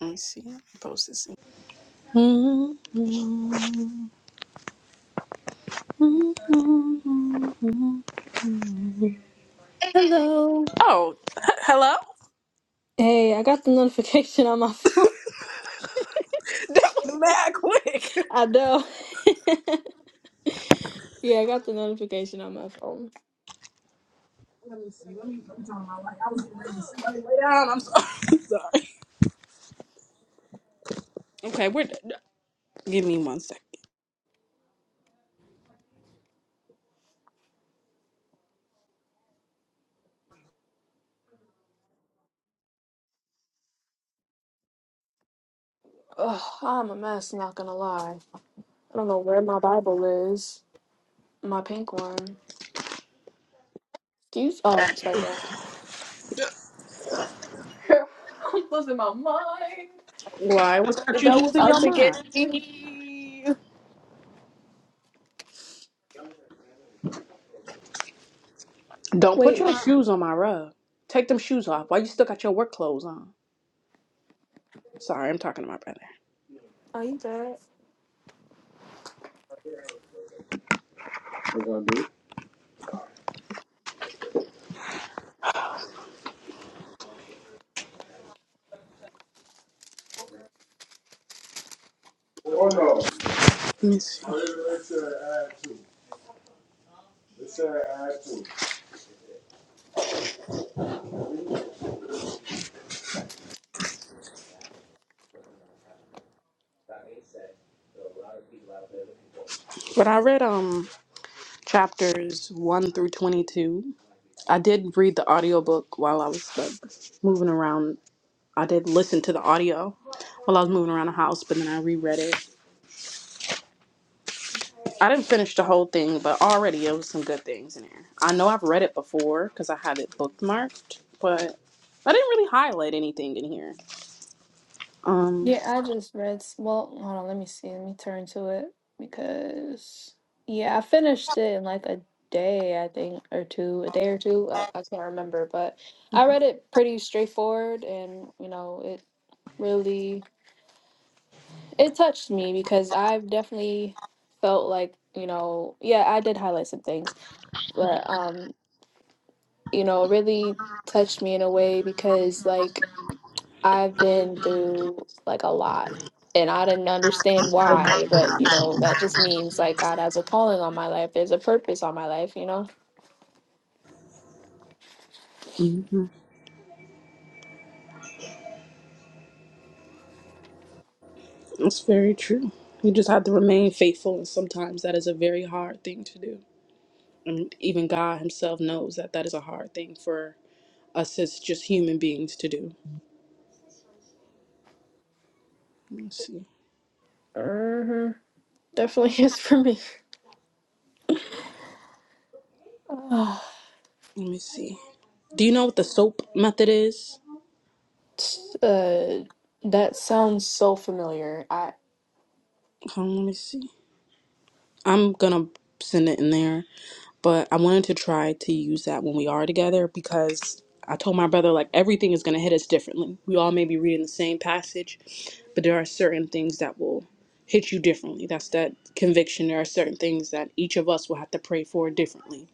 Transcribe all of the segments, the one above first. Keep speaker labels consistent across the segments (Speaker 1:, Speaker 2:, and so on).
Speaker 1: Let me see. Post this.
Speaker 2: Hello.
Speaker 1: Oh, hello.
Speaker 2: Hey, I got the notification on my phone.
Speaker 1: That was mad quick.
Speaker 2: I know. Yeah, I got the notification on my phone.
Speaker 1: Lay down. I'm sorry. I'm sorry. Okay, we're. Give me one second.
Speaker 2: That's not gonna lie. I don't know where my Bible is. My pink one. Excuse. Oh, it's right there. I'm losing my mind.
Speaker 1: Why? What's
Speaker 2: The
Speaker 1: got you
Speaker 2: devil's
Speaker 1: losing
Speaker 2: out
Speaker 1: your
Speaker 2: to get
Speaker 1: mind?
Speaker 2: me.
Speaker 1: Don't put
Speaker 2: Wait,
Speaker 1: your shoes on my rug. Take them shoes off. Why you still got your work clothes on? Sorry, I'm talking to my brother.
Speaker 2: are you dead?
Speaker 1: Let me see. But I read um chapters one through twenty-two. I did read the audiobook while I was like moving around. I did listen to the audio while I was moving around the house, but then I reread it I didn't finish the whole thing, but already it was some good things in there. I know I've read it before because I have it bookmarked, but I didn't really highlight anything in here. Um,
Speaker 2: Yeah, I just read. s- Well, hold on. Let me see. Let me turn to it because yeah, I finished it in like a day, I think, or two, a day or two. I, I can't remember, but I read it pretty straightforward, and you know, it really it touched me because I've definitely felt like you know, yeah, I did highlight some things, but um, you know, it really touched me in a way because like I've been through like a lot. And I didn't understand why, but you know, that just means like God has a calling on my life. There's a purpose on my life, you know?
Speaker 1: mhm. that's very true. You just have to remain faithful, and sometimes that is a very hard thing to do. And even God Himself knows that that is a hard thing for us as just human beings to do. Let me see.
Speaker 2: hmm Definitely is for me. Ah,
Speaker 1: Let me see. Do you know what the soap method is?
Speaker 2: t- uh, that sounds so familiar. I
Speaker 1: Hold on, let me see. I'm gonna send it in there. but I wanted to try to use that when we are together because I told my brother like everything is going to hit us differently. We all may be reading the same passage, but there are certain things that will hit you differently. That's that conviction. There are certain things that each of us will have to pray for differently.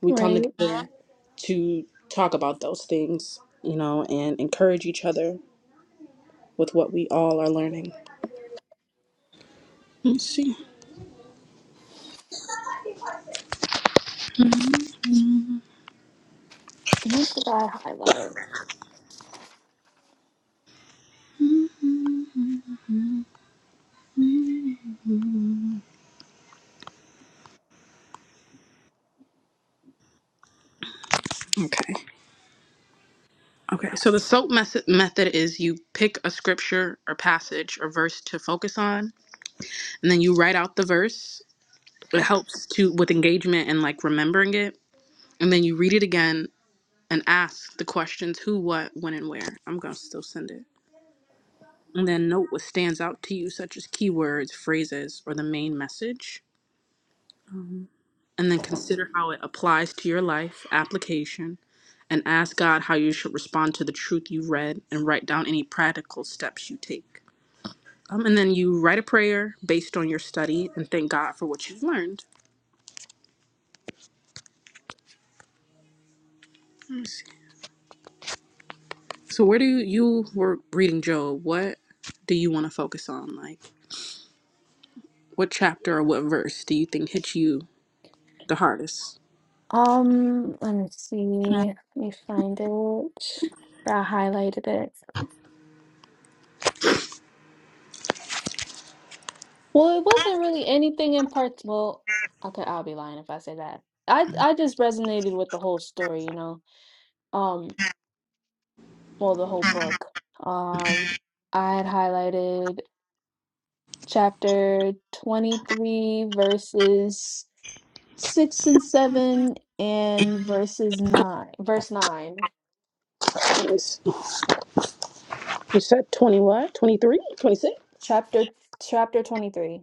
Speaker 1: We come
Speaker 2: right.
Speaker 1: together to talk about those things, you know, and encourage each other with what we all are learning. Let's see.
Speaker 2: What did I highlight?
Speaker 1: Okay. Okay, so the SOAP mes- method is you pick a scripture or passage or verse to focus on, and then you write out the verse. It helps to with engagement and like remembering it. And then you read it again and ask the questions who, what, when, and where. I'm gonna still send it. And then note what stands out to you, such as keywords, phrases, or the main message. And then consider how it applies to your life, application, and ask God how you should respond to the truth you read and write down any practical steps you take. Um, and then you write a prayer based on your study and thank God for what you've learned. Let me see. So where do you, you were reading Job? What do you want to focus on? Like what chapter or what verse do you think hit you the hardest?
Speaker 2: Um, let me see. Let me find it. I highlighted it. Well, it wasn't really anything in part. Well, okay, I'll be lying if I say that. I I just resonated with the whole story, you know. Um, well, the whole book. Um, I had highlighted chapter 23 verses 6 and 7 and verses 9, verse 9.
Speaker 1: It's- You said 20 what? 23? 26?
Speaker 2: Chapter chapter 23.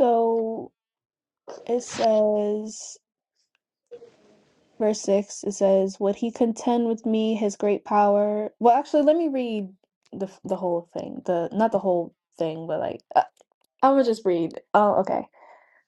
Speaker 2: So, it says verse 6 it says would he contend with me his great power well actually let me read the the whole thing the not the whole thing but like uh, i'm gonna just read oh okay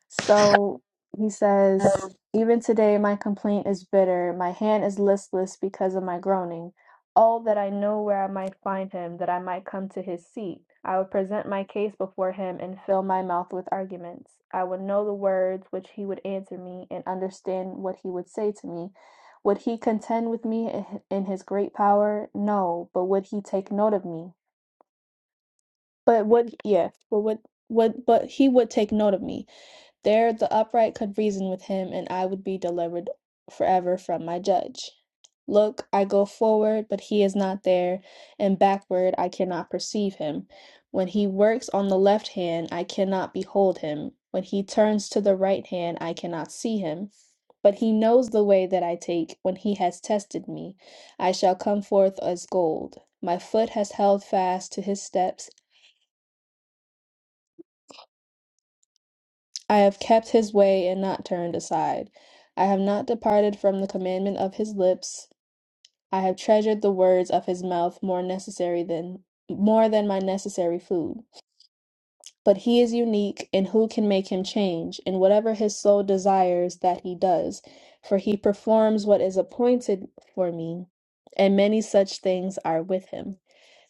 Speaker 2: so he says, Even today my complaint is bitter. My hand is listless because of my groaning. Oh, that I know where I might find him, that I might come to his seat. I would present my case before him and fill my mouth with arguments. I would know the words which he would answer me and understand what he would say to me. Would he contend with me i- in his great power? No, but would he take note of me? But would, yeah, but would, would, but he would take note of me. There the upright could reason with him, and I would be delivered forever from my judge. Look, I go forward, but he is not there, and backward, I cannot perceive him. When he works on the left hand, I cannot behold him. When he turns to the right hand, I cannot see him. But he knows the way that I take when he has tested me. I shall come forth as gold. My foot has held fast to his steps. I have kept his way and not turned aside. I have not departed from the commandment of his lips. I have treasured the words of his mouth more necessary than more than my necessary food. But he is unique, and who can make him change? And whatever his soul desires, that he does, for he performs what is appointed for me, and many such things are with him.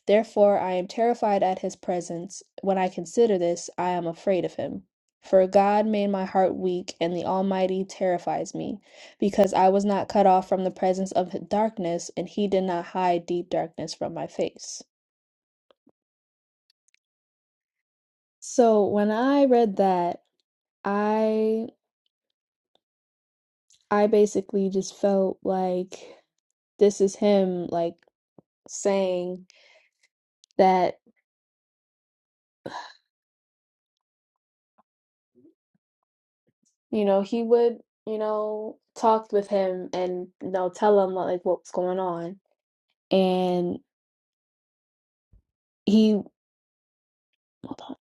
Speaker 2: Therefore I am terrified at his presence. When I consider this, I am afraid of him. For God made my heart weak, and the Almighty terrifies me, because I was not cut off from the presence of darkness, and he did not hide deep darkness from my face. So when I read that, I I basically just felt like this is him like saying that, you know, he would, you know, talk with him and you know, tell him like what's going on and he hold on.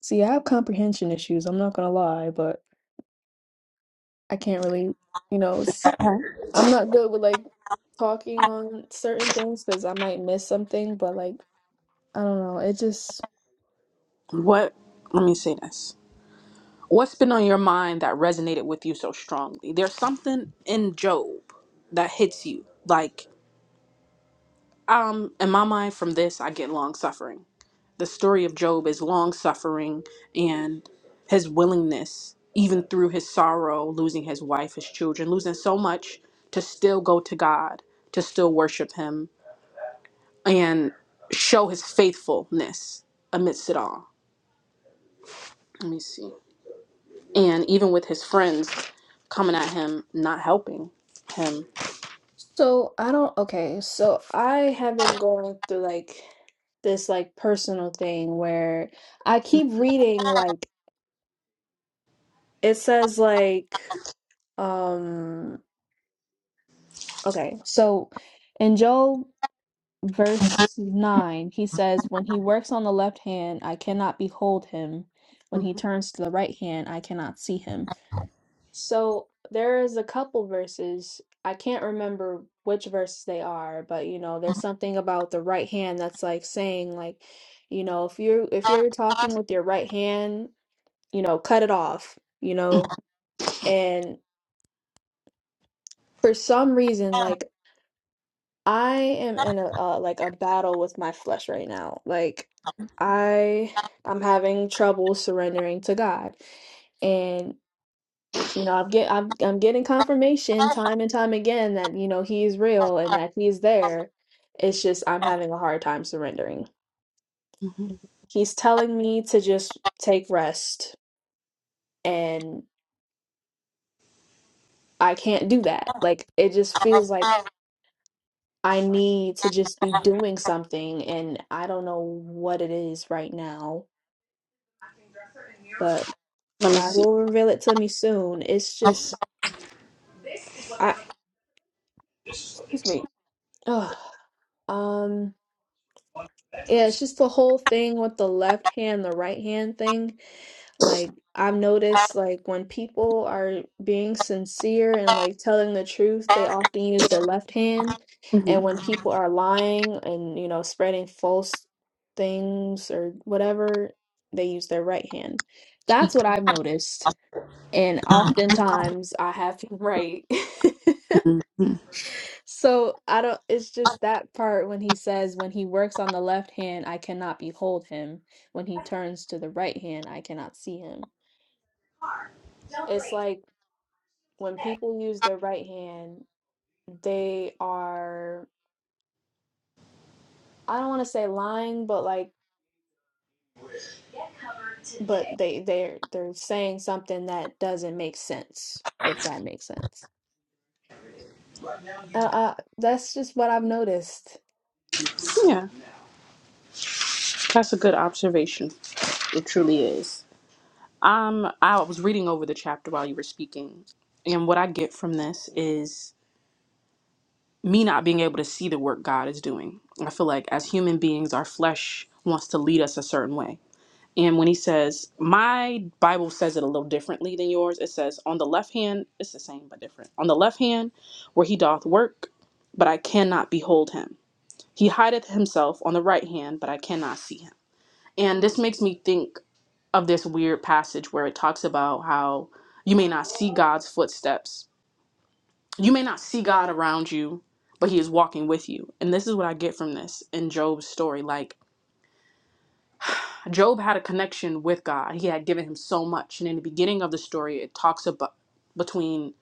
Speaker 2: See, I have comprehension issues. I'm not gonna lie, but I can't really, you know, it's, I'm not good with like talking on certain things because I might miss something. But like, I don't know. It just
Speaker 1: What let me say this. What's been on your mind that resonated with you so strongly? There's something in Job that hits you. Like um in my mind from this I get long suffering. The story of Job is long suffering and his willingness, even through his sorrow, losing his wife, his children, losing so much, to still go to God, to still worship Him, and show his faithfulness amidst it all. Let me see. And even with his friends coming at him, not helping him.
Speaker 2: so I don't. Okay, so I have been going through like this like personal thing where I keep reading like it says like um okay so in Job. verse 9, he says, When he works on the left hand, I cannot behold him.
Speaker 1: hmm
Speaker 2: When he turns to the right hand, I cannot see him. So there is a couple verses. I can't remember which verses they are, but you know, there's something about the right hand that's like saying like, you know, if you're if you're talking with your right hand, you know, cut it off, you know. And for some reason, like I am in a uh, like a battle with my flesh right now. Like I I'm having trouble surrendering to God. And you know, I'm get I'm I'm getting confirmation time and time again that you know he is real and that he is there. It's just I'm having a hard time surrendering.
Speaker 1: hmm
Speaker 2: He's telling me to just take rest and I can't do that. Like it just feels like I need to just be doing something and I don't know what it is right now. but.
Speaker 1: Let me
Speaker 2: God
Speaker 1: see.
Speaker 2: will reveal it to me soon. It's just, I, excuse me. Ugh. Um, yeah, it's just the whole thing with the left hand, the right hand thing. Like, I've noticed, like, when people are being sincere and like telling the truth, they often use their left hand.
Speaker 1: hmm
Speaker 2: And when people are lying and, you know, spreading false things or whatever, they use their right hand. That's what I've noticed. And oftentimes I have him right.
Speaker 1: hmm
Speaker 2: So I don't, it's just that part when he says, when he works on the left hand, I cannot behold him. When he turns to the right hand, I cannot see him. It's like when people use their right hand, they are, I don't want to say lying, but like, but they they're they're saying something that doesn't make sense, if that makes sense. Uh, uh, that's just what I've noticed.
Speaker 1: Yeah, that's a good observation. It truly is. Um, I was reading over the chapter while you were speaking, and what I get from this is me not being able to see the work God is doing. I feel like as human beings, our flesh wants to lead us a certain way. And when he says, my Bible says it a little differently than yours, it says, on the left hand, it's the same but different. On the left hand, where he doth work, but I cannot behold him. He hideth himself on the right hand, but I cannot see him. And this makes me think of this weird passage where it talks about how you may not see God's footsteps. You may not see God around you, but he is walking with you. And this is what I get from this in Job's story. Like Job had a connection with God. He had given him so much. And in the beginning of the story, it talks about between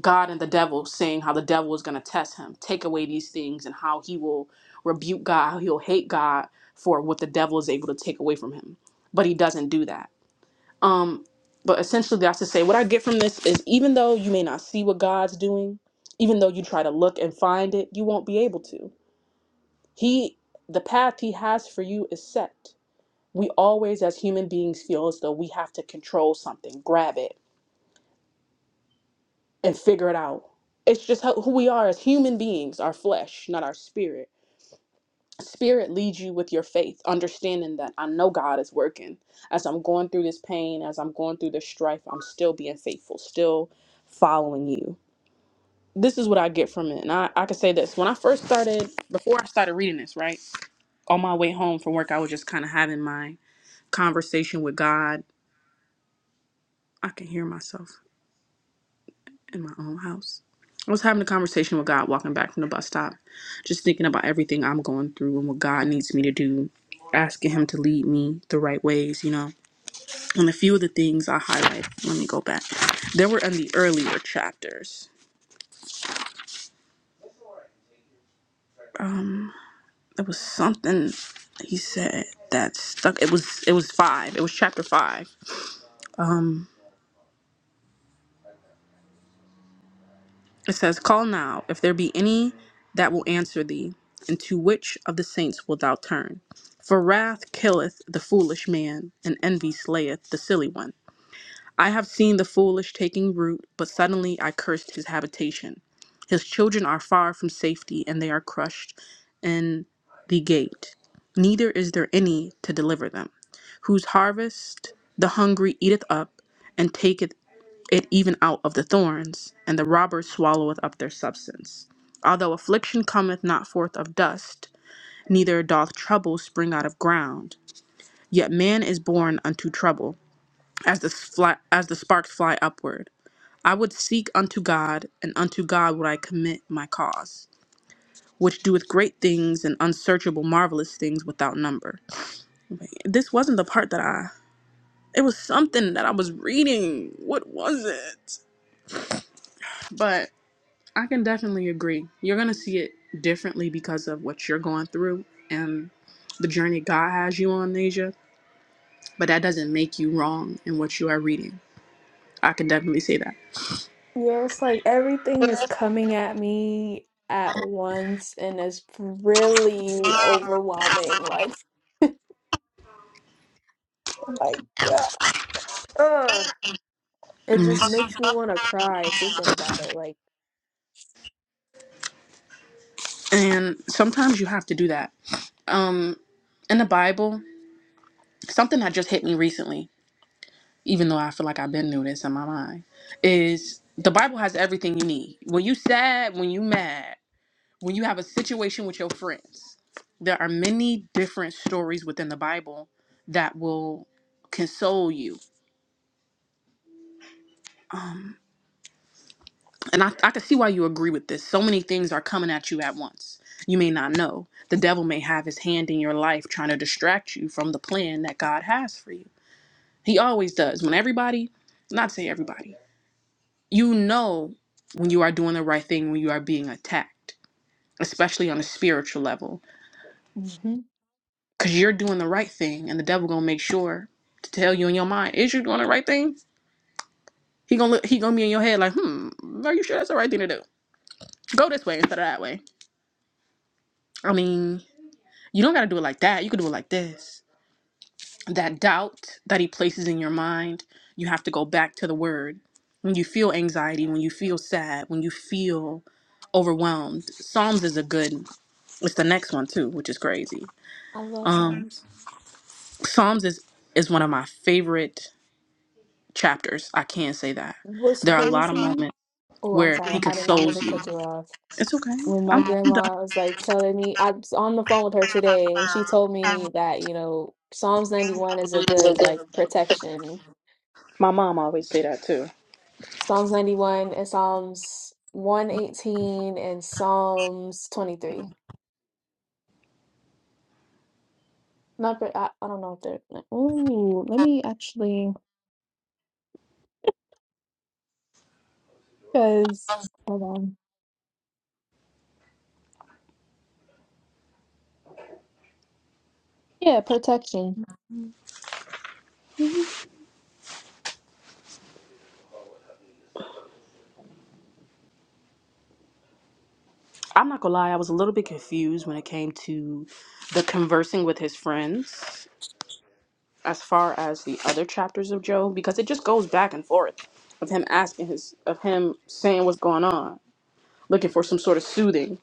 Speaker 1: God and the devil saying how the devil is going to test him, take away these things and how he will rebuke God, how he'll hate God for what the devil is able to take away from him. But he doesn't do that Um, but essentially, that's to say, what I get from this is even though you may not see what God's doing, even though you try to look and find it, you won't be able to. He, the path He has for you is set. We always, as human beings, feel as though we have to control something, grab it, and figure it out. It's just how, who we are as human beings, our flesh, not our spirit. spirit leads you with your faith, understanding that I know God is working. As I'm going through this pain, as I'm going through this strife, I'm still being faithful, still following you. This is what I get from it. And I, I could say this when I first started, before I started reading this, right? On my way home from work, I was just kind of having my conversation with God. I can hear myself. in my own house. I was having a conversation with God walking back from the bus stop, just thinking about everything I'm going through and what God needs me to do, asking Him to lead me the right ways, you know. And a few of the things I highlight, let me go back. They were in the earlier chapters. Um, there was something he said that stuck. It was it was five. It was chapter five. Um. It says, Call now, if there be any that will answer thee, and to which of the saints wilt thou turn? For wrath killeth the foolish man, and envy slayeth the silly one. I have seen the foolish taking root, but suddenly I cursed his habitation. His children are far from safety, and they are crushed in the gate. Neither is there any to deliver them, whose harvest the hungry eateth up, and taketh it even out of the thorns, and the robber swalloweth up their substance. Although affliction cometh not forth of dust, neither doth trouble spring out of ground, yet man is born unto trouble, as the, fly, as the sparks fly upward. I would seek unto God, and unto God would I commit my cause, which doeth great things and unsearchable marvelous things without number. Wait, This wasn't the part that I. It was something that I was reading. What was it? But I can definitely agree. You're going to see it differently because of what you're going through and the journey God has you on, Nasia. But that doesn't make you wrong in what you are reading. I can definitely say that.
Speaker 2: Yeah, it's like everything is coming at me at once and it's really overwhelming. Like, oh my God. Ugh. It just
Speaker 1: Mhm.
Speaker 2: makes me want to cry thinking about it. Like,
Speaker 1: And sometimes you have to do that. Um, in the Bible, something that just hit me recently, even though I feel like I've been through this in my mind, is the Bible has everything you need. When you sad, when you mad, when you have a situation with your friends, there are many different stories within the Bible that will console you. Um, and I, I can see why you agree with this. So many things are coming at you at once. You may not know. The devil may have his hand in your life trying to distract you from the plan that God has for you. He always does. When everybody, not say everybody, you know when you are doing the right thing, when you are being attacked, especially on a spiritual level
Speaker 2: hmm
Speaker 1: Cause you're doing the right thing, and the devil gonna make sure to tell you in your mind, is you doing the right thing? He gonna look, he gonna be in your head like, hmm, are you sure that's the right thing to do? Go this way instead of that way. I mean, you don't gotta do it like that. You could do it like this. That doubt that he places in your mind, you have to go back to the word. When you feel anxiety, when you feel sad, when you feel overwhelmed, Psalms is a good. It's the next one too, which is crazy.
Speaker 2: I love
Speaker 1: Um,
Speaker 2: Psalms.
Speaker 1: Psalms is is one of my favorite chapters. I can say that.
Speaker 2: What's
Speaker 1: There are a lot of
Speaker 2: crazy?
Speaker 1: moments
Speaker 2: Oh, I'm
Speaker 1: where
Speaker 2: sorry.
Speaker 1: he
Speaker 2: I did not mean
Speaker 1: consoles
Speaker 2: to
Speaker 1: you.
Speaker 2: cut you off.
Speaker 1: It's okay.
Speaker 2: When my
Speaker 1: I'm, I'm done.
Speaker 2: grandma was like telling me, I was on the phone with her today and she told me that, you know, Psalms 91 is a good like protection
Speaker 1: My mom always say that too.
Speaker 2: Psalms 91 and Psalms 118 and Psalms 23. Not, ver- I, I don't know if they're. Oh, let me actually, because, hold on. Yeah, protection.
Speaker 1: I'm not gonna lie, I was a little bit confused when it came to the conversing with his friends as far as the other chapters of Job because it just goes back and forth of him asking his of him saying what's going on, looking for some sort of soothing.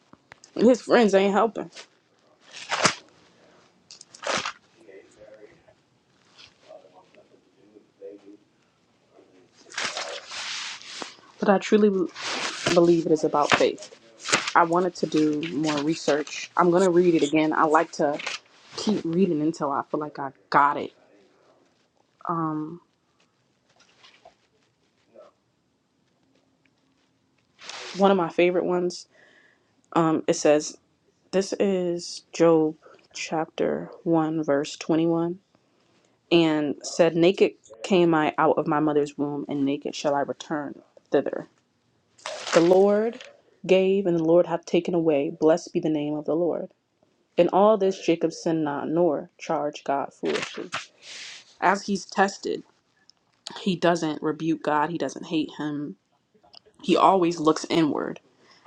Speaker 1: And his friends ain't helping. But I truly be- believe it is about faith. I wanted to do more research. I'm gonna read it again. I like to keep reading until I feel like I got it. Um, one of my favorite ones, um, it says, This is Job chapter 1, verse 21, and said, Naked came I out of my mother's womb, and naked shall I return thither. The Lord gave, and the Lord hath taken away. Blessed be the name of the Lord. In all this, Jacob sinned not, nor charged God foolishly. As he's tested, he doesn't rebuke God, he doesn't hate him. He always looks inward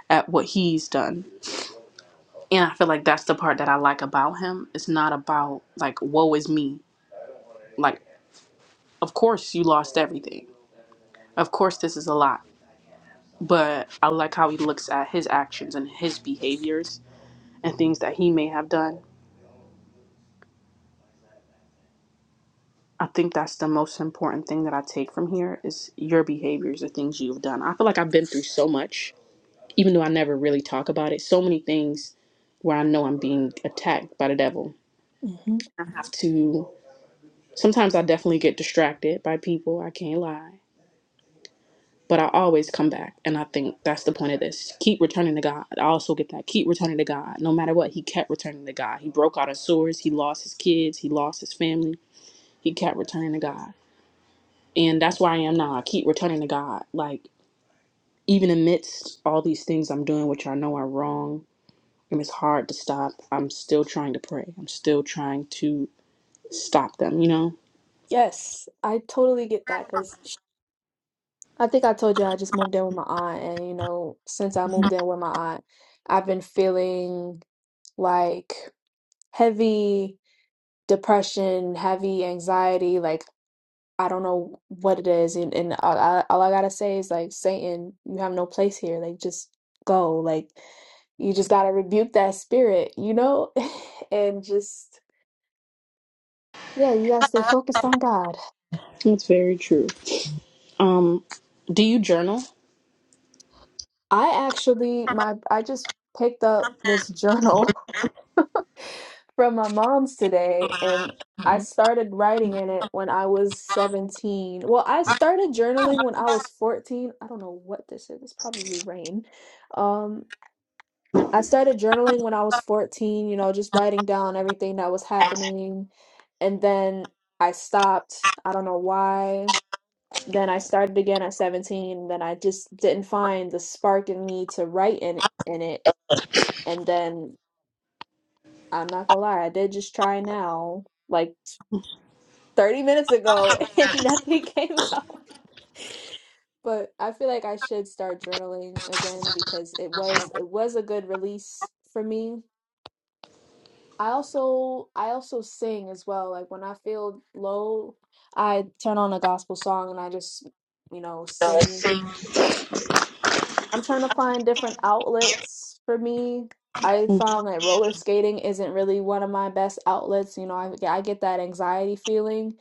Speaker 1: at what he's done. And I feel like that's the part that I like about him. It's not about like woe is me. Like of course you lost everything. Of course this is a lot. But I like how he looks at his actions and his behaviors and things that he may have done. I think that's the most important thing that I take from here is your behaviors, the things you've done. I feel like I've been through so much, even though I never really talk about it. So many things where I know I'm being attacked by the devil.
Speaker 2: hmm
Speaker 1: I have to. Sometimes I definitely get distracted by people, I can't lie. But I always come back. And I think that's the point of this. Keep returning to God. I also get that. Keep returning to God. No matter what, he kept returning to God. He broke out of sores. He lost his kids. He lost his family. He kept returning to God. And that's where I am now. I keep returning to God. Like, even amidst all these things I'm doing, which I know are wrong and it's hard to stop, I'm still trying to pray. I'm still trying to stop them, you know?
Speaker 2: Yes, I totally get that because I think I told you I just moved in with my aunt. And, you know, since I moved in with my aunt, I've been feeling like heavy depression, heavy anxiety. Like, I don't know what it is, and, and all, I, all I gotta say is like, Satan, you have no place here. Like, just go. Like, you just gotta rebuke that spirit, you know, and just yeah, you gotta stay focused on God.
Speaker 1: That's very true. Um, do you journal?
Speaker 2: I actually, my I just picked up this journal from my mom's today, and I started writing in it when I was 17. Well, I started journaling when I was 14. I don't know what this is. It's probably rain. Um, I started journaling when I was 14, you know, just writing down everything that was happening. And then I stopped. I don't know why. Then I started again at 17. Then I just didn't find the spark in me to write in, in it. And then I'm not gonna lie, I did just try now, like 30 minutes ago, and nothing came out. But I feel like I should start journaling again because it was it was a good release for me I also I also sing as well. Like when I feel low, I turn on a gospel song and I just, you know, sing. I'm trying to find different outlets for me. I found that roller skating isn't really one of my best outlets. You know, I yeah, I get that anxiety feeling.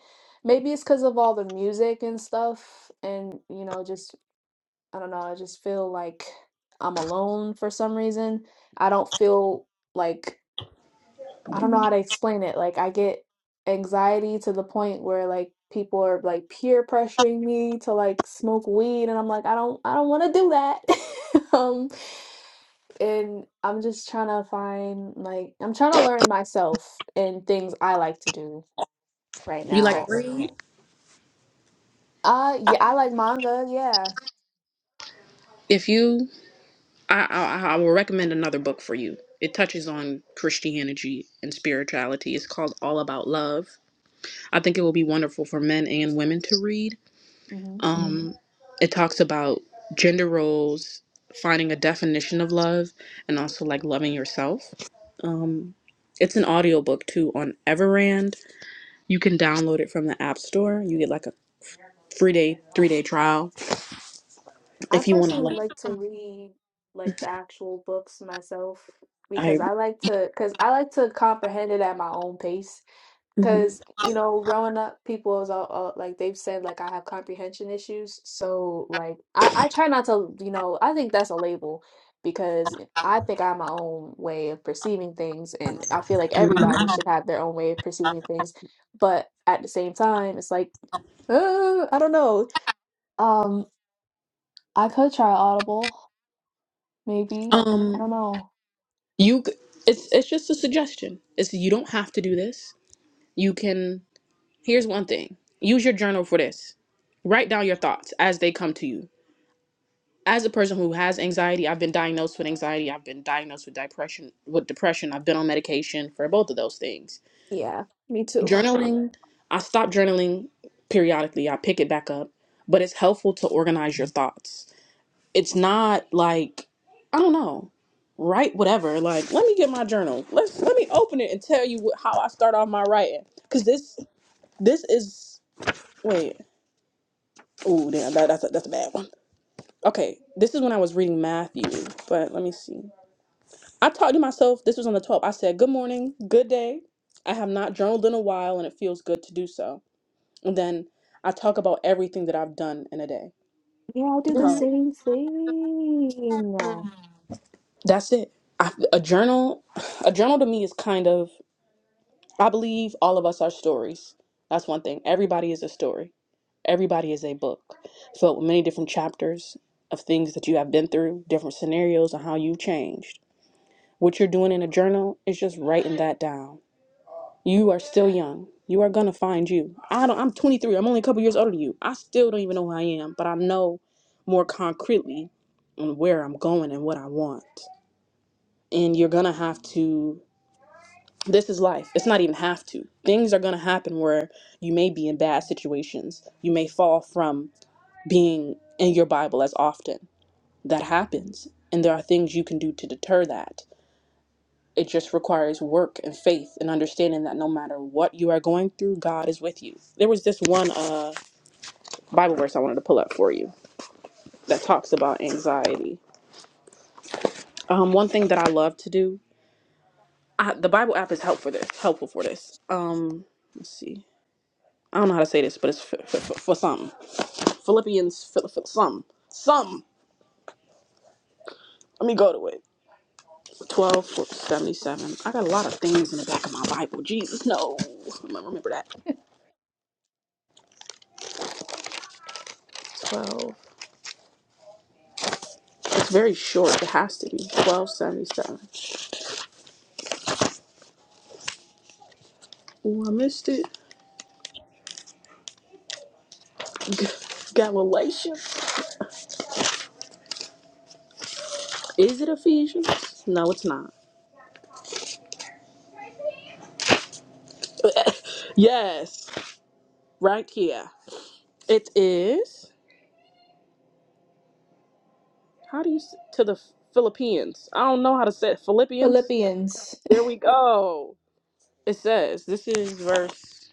Speaker 2: Maybe it's because of all the music and stuff and, you know, just I don't know, I just feel like I'm alone for some reason. I don't feel like I don't know how to explain it. Like I get anxiety to the point where like people are like peer pressuring me to like smoke weed and I'm like I don't I don't want to do that. um and I'm just trying to find like I'm trying to learn myself and things I like to do right
Speaker 1: You like
Speaker 2: now.
Speaker 1: to read?
Speaker 2: Uh yeah, I like manga, yeah.
Speaker 1: If you, I, I, I will recommend another book for you. It touches on Christianity and spirituality. It's called All About Love. I think it will be wonderful for men and women to read.
Speaker 2: hmm
Speaker 1: Um, it talks about gender roles, finding a definition of love, and also like loving yourself. Um, it's an audiobook too on Everand. You can download it from the App Store. You get like a free day, three day trial
Speaker 2: I
Speaker 1: if you want to.
Speaker 2: personally
Speaker 1: Like,
Speaker 2: like to read like the actual books myself
Speaker 1: I.
Speaker 2: because I like to cuz I like to comprehend it at my own pace
Speaker 1: Mhm.
Speaker 2: Because, you know, growing up, people was all, all like they've said like I have comprehension issues. So like I, I try not to, you know, I think that's a label because I think I have my own way of perceiving things and I feel like everybody should have their own way of perceiving things. But at the same time, it's like, uh, I don't know. Um, I could try Audible, maybe. I
Speaker 1: Um,
Speaker 2: don't know.
Speaker 1: you c- it's it's just a suggestion. It's you don't have to do this. You can here's one thing. Use your journal for this. Write down your thoughts as they come to you. As a person who has anxiety, I've been diagnosed with anxiety, I've been diagnosed with depression, with depression, I've been on medication for both of those things.
Speaker 2: Yeah, me too.
Speaker 1: Journaling, I stop journaling periodically. I pick it back up, but it's helpful to organize your thoughts it's not like I don't know, write whatever. Like, let me get my journal. Let's let me open it and tell you what, how I start off my writing. Cause this this is wait. Oh damn, that, that's a, that's a bad one. Okay, this is when I was reading Matthew, but let me see. I talked to myself. This was on the 12th. I said, "Good morning, good day. I have not journaled in a while, and it feels good to do so." And then I talk about everything that I've done in a day.
Speaker 2: Yeah, I'll do the
Speaker 1: Mhm.
Speaker 2: same thing.
Speaker 1: That's it. I, a journal, a journal to me is kind of. I believe all of us are stories. That's one thing. Everybody is a story. Everybody is a book filled with many different chapters of things that you have been through, different scenarios, and how you've changed. What you're doing in a journal is just writing that down. You are still young. You are gonna find you. I don't. I'm 23. I'm only a couple years older than you. I still don't even know who I am, but I know more concretely on where I'm going and what I want. And you're gonna have to this is life. It's not even have to. Things are going to happen where you may be in bad situations. You may fall from being in your Bible as often. That happens. And there are things you can do to deter that. It just requires work and faith and understanding that no matter what you are going through, God is with you. There was this one uh, Bible verse I wanted to pull up for you that talks about anxiety. Um, one thing that I love to do, I, the Bible app is helpful for this. Helpful for this. Um, let's see. I don't know how to say this, but it's for, for, for, for some. Philippians, Phil, Phil, some. Some. Let me go to it. 12 77. I got a lot of things in the back of my Bible. Jesus, no. I'm going to remember that. 12. It's very short. It has to be. 1277. Oh, I missed it. Galatians. Is it Ephesians? No, it's not. yes. Right here. It is. How do you. s- To the Philippines. I don't know how to say it. Philippians.
Speaker 2: Philippians.
Speaker 1: There we go. It says, this is verse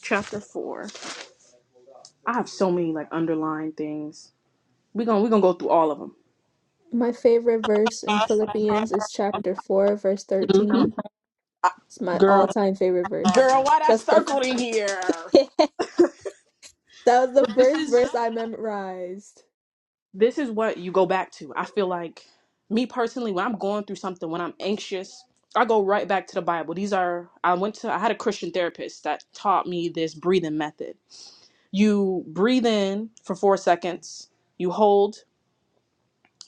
Speaker 1: chapter 4. I have so many like underlying things. We're going to we're going to go through all of
Speaker 2: My favorite verse in Philippians is chapter 4, verse
Speaker 1: them. hmm
Speaker 2: 13. It's my all
Speaker 1: Girl,
Speaker 2: time favorite verse.
Speaker 1: girl, why that
Speaker 2: That's the
Speaker 1: circled in here?
Speaker 2: that was the
Speaker 1: But this
Speaker 2: first
Speaker 1: is
Speaker 2: verse I memorized.
Speaker 1: this is what you go back to. I feel like me personally when I'm going through something, when I'm anxious, I go right back to the Bible. These are I went to I had a Christian therapist that taught me this breathing method. You breathe in for 4 seconds. You hold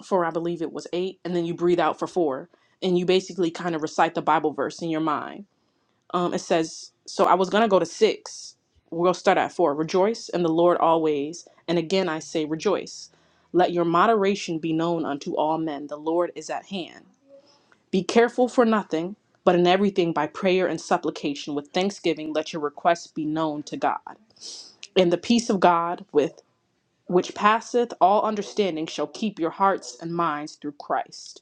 Speaker 1: for I believe it was eight, and then you breathe out for four, and you basically kind of recite the Bible verse in your mind. Um, it says, "So I was gonna go to six. We'll start at four. Rejoice in the Lord always, and again I say rejoice. Let your moderation be known unto all men. The Lord is at hand. Be careful for nothing, but in everything by prayer and supplication with thanksgiving let your requests be known to God. And the peace of God with which passeth all understanding shall keep your hearts and minds through Christ."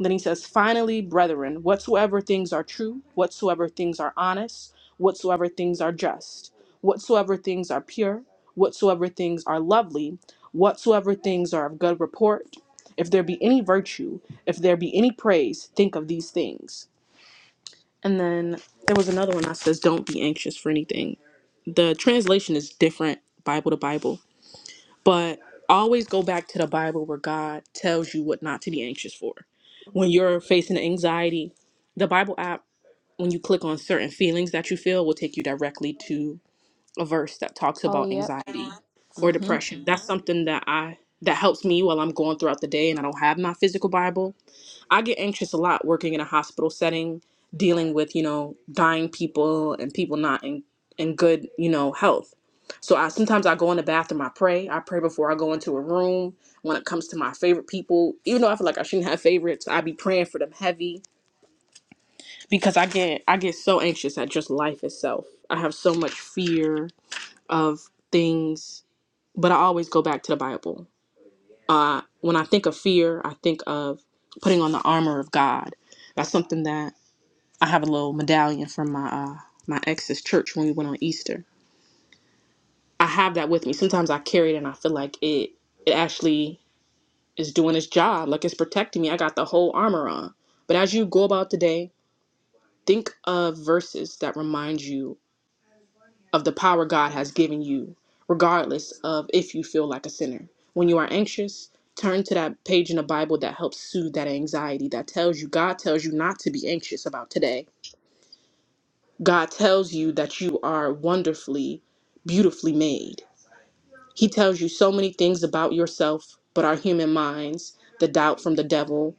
Speaker 1: Then he says, Finally, brethren, whatsoever things are true, whatsoever things are honest, whatsoever things are just, whatsoever things are pure, whatsoever things are lovely, whatsoever things are of good report, if there be any virtue, if there be any praise, think of these things. And then there was another one that says, Don't be anxious for anything. The translation is different Bible to Bible. But always go back to the Bible where God tells you what not to be anxious for. When you're facing anxiety, the Bible app, when you click on certain feelings that you feel, will take you directly to a verse that talks
Speaker 2: Oh,
Speaker 1: about
Speaker 2: yep.
Speaker 1: anxiety or
Speaker 2: Mm-hmm.
Speaker 1: depression. That's something that I that helps me while I'm going throughout the day and I don't have my physical Bible I get anxious a lot working in a hospital setting, dealing with, you know, dying people and people not in, in good, you know, health. So I sometimes I go in the bathroom, I pray. I pray before I go into a room when it comes to my favorite people. Even though I feel like I shouldn't have favorites, I be praying for them heavy because I get I get so anxious at just life itself. I have so much fear of things, but I always go back to the Bible. Uh when I think of fear, I think of putting on the armor of God. That's something that I have a little medallion from my uh, my ex's church when we went on Easter. I have that with me. Sometimes I carry it and I feel like it it actually is doing its job, like it's protecting me. I got the whole armor on. But as you go about the day, think of verses that remind you of the power God has given you, regardless of if you feel like a sinner. When you are anxious, turn to that page in the Bible that helps soothe that anxiety, that tells you God tells you not to be anxious about today God tells you that you are wonderfully, beautifully made. He tells you so many things about yourself, but our human minds, the doubt from the devil,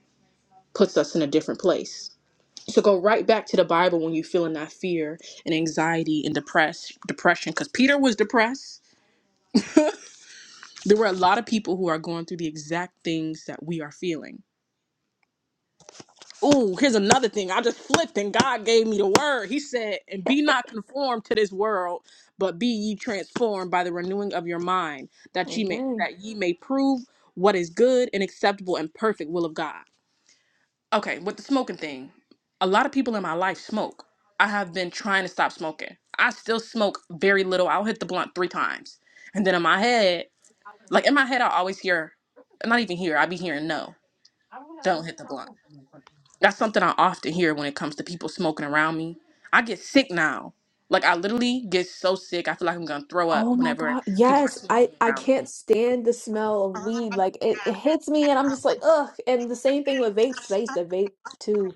Speaker 1: puts us in a different place. So go right back to the Bible when you're feeling that fear and anxiety and depress depression, because Peter was depressed. There were a lot of people who are going through the exact things that we are feeling Ooh, here's another thing. I just flipped and God gave me the word. He said, And be not conformed to this world, but be ye transformed by the renewing of your mind, that ye may
Speaker 2: Amen.
Speaker 1: that ye may prove what is good and acceptable and perfect will of God. Okay, with the smoking thing, a lot of people in my life smoke. I have been trying to stop smoking. I still smoke very little. I'll hit the blunt three times. And then in my head, like in my head, I always hear, not even hear, I be hearing no, don't hit the blunt that's something I often hear when it comes to people smoking around me. I get sick now. Like I literally get so sick. I feel like I'm gonna throw up
Speaker 2: Oh my
Speaker 1: whenever
Speaker 2: God.
Speaker 1: people are
Speaker 2: Yes, I
Speaker 1: smoking
Speaker 2: I
Speaker 1: around me.
Speaker 2: can't stand the smell of weed. Like it, it hits me and I'm just like, ugh. And the same thing with vapes. 'Cause I used to vape too,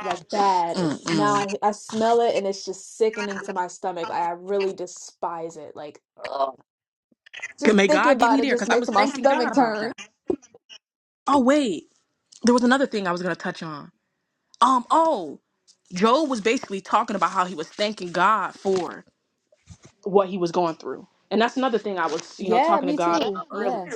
Speaker 2: like bad. And now
Speaker 1: Mm-mm.
Speaker 2: I I smell it and it's just sickening to my stomach. Like I really despise it. Like, ugh.
Speaker 1: Can-
Speaker 2: Just
Speaker 1: May
Speaker 2: thinking
Speaker 1: God get
Speaker 2: about
Speaker 1: me
Speaker 2: it
Speaker 1: there,
Speaker 2: just
Speaker 1: cause I
Speaker 2: makes
Speaker 1: was
Speaker 2: my
Speaker 1: thinking.
Speaker 2: stomach turn.
Speaker 1: Oh wait, there was another thing I was gonna touch on. Um. Oh, Job was basically talking about how he was thanking God for what he was going through, and that's another thing I was, you know,
Speaker 2: Yeah,
Speaker 1: talking to
Speaker 2: me
Speaker 1: God.
Speaker 2: too. Yeah.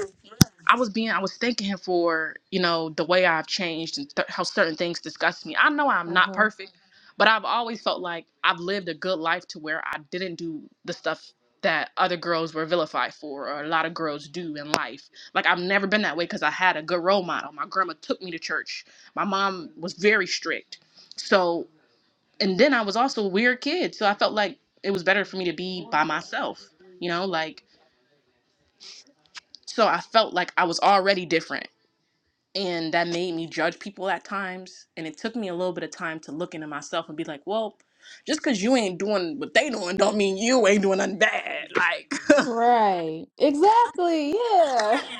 Speaker 1: I was being, I was thanking him for, you know, the way I've changed and th- how certain things disgust me. I know I'm not
Speaker 2: Uh-huh.
Speaker 1: perfect, but I've always felt like I've lived a good life to where I didn't do the stuff that other girls were vilified for or a lot of girls do in life. Like I've never been that way because I had a good role model. My grandma took me to church. My mom was very strict. So, and then I was also a weird kid. So I felt like it was better for me to be by myself, you know, like, so I felt like I was already different and that made me judge people at times and it took me a little bit of time to look into myself and be like well just because you ain't doing what they doing don't mean you ain't doing nothing bad like
Speaker 2: Right. Exactly. Yeah.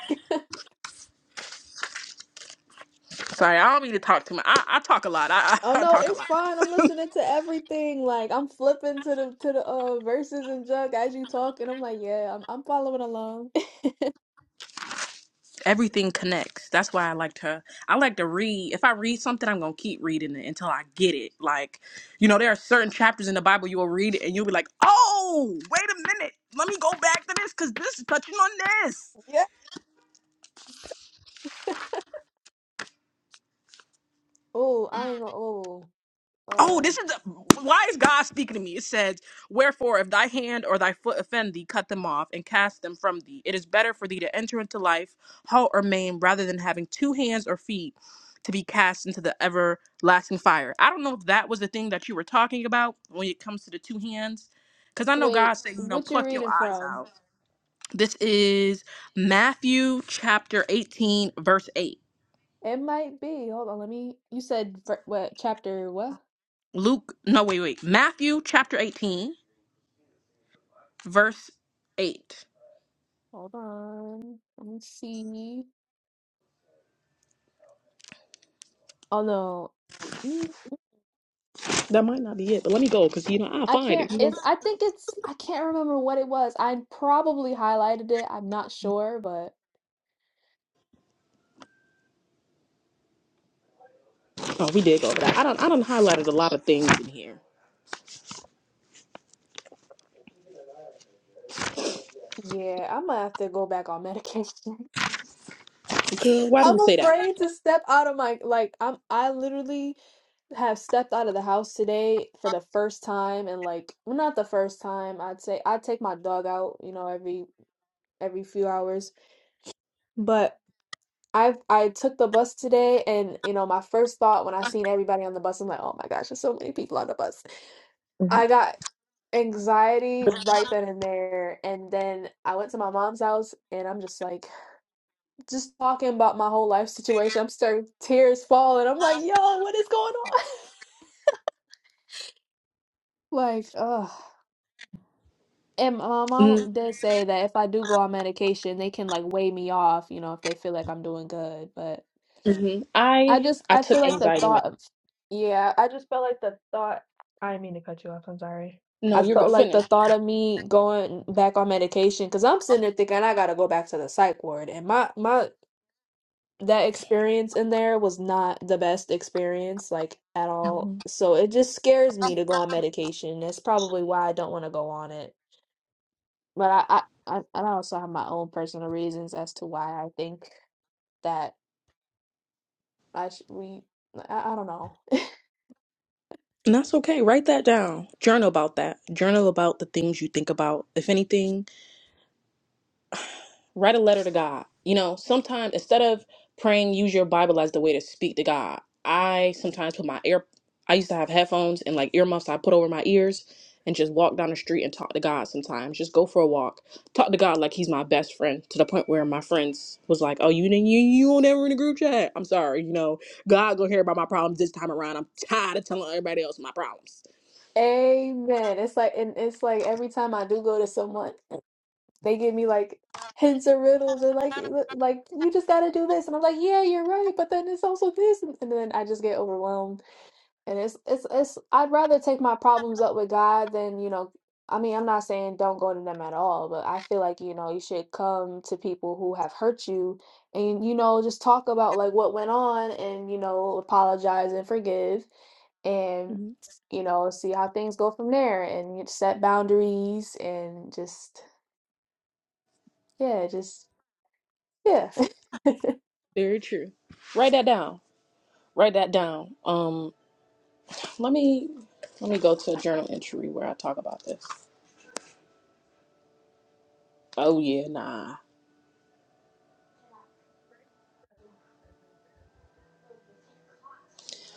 Speaker 1: sorry i don't mean to talk too much i, I talk a lot I,
Speaker 2: Oh
Speaker 1: I, I
Speaker 2: no,
Speaker 1: talk a
Speaker 2: it's
Speaker 1: lot
Speaker 2: fine. I'm listening to everything. Like I'm flipping to the to the uh verses and junk as you talk, and I'm like, yeah, I'm I'm following along.
Speaker 1: everything connects that's why i like to i like to read if i read something i'm gonna keep reading it until i get it like you know there are certain chapters in the bible you'll read it and you'll be like oh wait a minute let me go back to this because this is touching on this
Speaker 2: yeah. Oh, I ain't gonna. Oh,
Speaker 1: Oh,
Speaker 2: uh,
Speaker 1: this is why is God speaking to me? It says, "Wherefore, if thy hand or thy foot offend thee, cut them off and cast them from thee. It is better for thee to enter into life halt or maimed, rather than having two hands or feet to be cast into the everlasting fire." I don't know if that was the thing that you were talking about when it comes to the two hands, because I know God
Speaker 2: wait.
Speaker 1: said, "You know,
Speaker 2: What you
Speaker 1: pluck your
Speaker 2: reading
Speaker 1: eyes
Speaker 2: from?
Speaker 1: out." This is Matthew chapter eighteen, verse eight.
Speaker 2: It might be. Hold on. Let me. You said ver- what chapter? What?
Speaker 1: Luke, no, wait, wait, Matthew chapter eighteen, verse eight.
Speaker 2: Hold on. Let me see. Oh no. Mm,
Speaker 1: That might not be it, but let me go because you know I'll
Speaker 2: I
Speaker 1: find
Speaker 2: can't
Speaker 1: it. You know?
Speaker 2: it's I think it's I can't remember what it was. I probably highlighted it. I'm not sure, but
Speaker 1: Oh, we did go over that. I don't. I don't highlighted a lot of things in here.
Speaker 2: yeah, I'm gonna have to go back on medication.
Speaker 1: Girl, why do you
Speaker 2: I'm
Speaker 1: say that?
Speaker 2: afraid to step out of my like I'm I literally have stepped out of the house today for the first time and like well, not the first time. I'd say I take my dog out, you know, every every few hours, but I I took the bus today and you know my first thought when I seen everybody on the bus I'm like oh my gosh there's so many people on the bus I got anxiety right then and there. And then I went to my mom's house and I'm just like, just talking about my whole life situation. I'm starting tears falling. I'm like, yo, what is going on? Like, ugh. And my mom did say that if I do go on medication, they can like weigh me off, you know, if they feel like I'm doing good. But
Speaker 1: Mm-hmm. I
Speaker 2: I just
Speaker 1: I
Speaker 2: I feel
Speaker 1: took
Speaker 2: like the
Speaker 1: anxiety. Med-
Speaker 2: thought of yeah, I just felt like the thought I didn't mean to cut you off, I'm sorry. I
Speaker 1: no, you're good.
Speaker 2: felt like
Speaker 1: Finish.
Speaker 2: the thought of me going back on medication because I'm sitting there thinking I gotta go back to the psych ward and my my that experience in there was not the best experience like at all.
Speaker 1: hmm
Speaker 2: So it just scares me to go on medication. That's probably why I don't want to go on it. But I I I I also have my own personal reasons as to why I think that I should we I, I don't know.
Speaker 1: And that's okay. Write that down. Journal about that. Journal about the things you think about. If anything. Write a letter to God. You know, sometimes instead of praying, use your Bible as the way to speak to God. I sometimes put my ear, I used to have headphones and like earmuffs I put over my ears and just walk down the street and talk to God sometimes. Just go for a walk. Talk to God like he's my best friend to the point where my friends was like, oh, you didn't, you, you on ever in the group chat. I'm sorry, you know, God gonna hear about my problems this time around. I'm tired of telling everybody else my problems.
Speaker 2: Amen. It's like, and it's like every time I do go to someone, they give me like hints or riddles or like, l- like you just got to do this, and I'm like, yeah, you're right, but then it's also this, and and then I just get overwhelmed. And it's it's it's I'd rather take my problems up with God than, you know, I mean, I'm not saying don't go to them at all, but I feel like, you know, you should come to people who have hurt you and, you know, just talk about like what went on and, you know, apologize and forgive and,
Speaker 1: Mhm.
Speaker 2: you know, see how things go from there and you set boundaries and just, yeah, just, yeah.
Speaker 1: Very true. Write that down. Write that down. Um, let me let me go to a journal entry where I talk about this. Oh yeah, nah.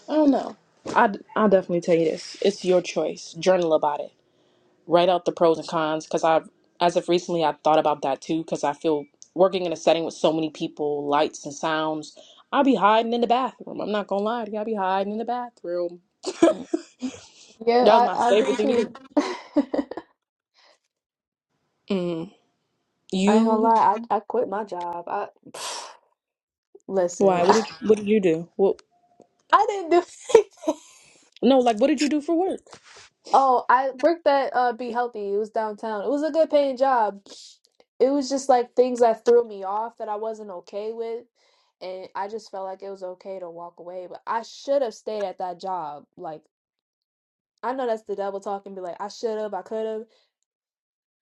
Speaker 1: I don't know. I I'll definitely tell you this. It's your choice. Journal about it. Write out the pros and cons because I've as of recently I thought about that too because I feel working in a setting with so many people, lights and sounds. I'll be hiding in the bathroom. I'm not gonna lie to you. I'll be hiding in the bathroom.
Speaker 2: Mm. Yeah,
Speaker 1: That was my.
Speaker 2: I, I did too. I
Speaker 1: Mm.
Speaker 2: ain't gonna
Speaker 1: You.
Speaker 2: lie, I, I quit my job. I
Speaker 1: Why?
Speaker 2: Listen,
Speaker 1: What did What did you do? What
Speaker 2: I didn't do anything.
Speaker 1: No, like what did you do for work?
Speaker 2: Oh, I worked at uh Be Healthy. It was downtown. It was a good paying job. It was just like things that threw me off that I wasn't okay with, and I just felt like it was okay to walk away, but I should have stayed at that job. Like I know that's the devil talking, be like I should have, I could have.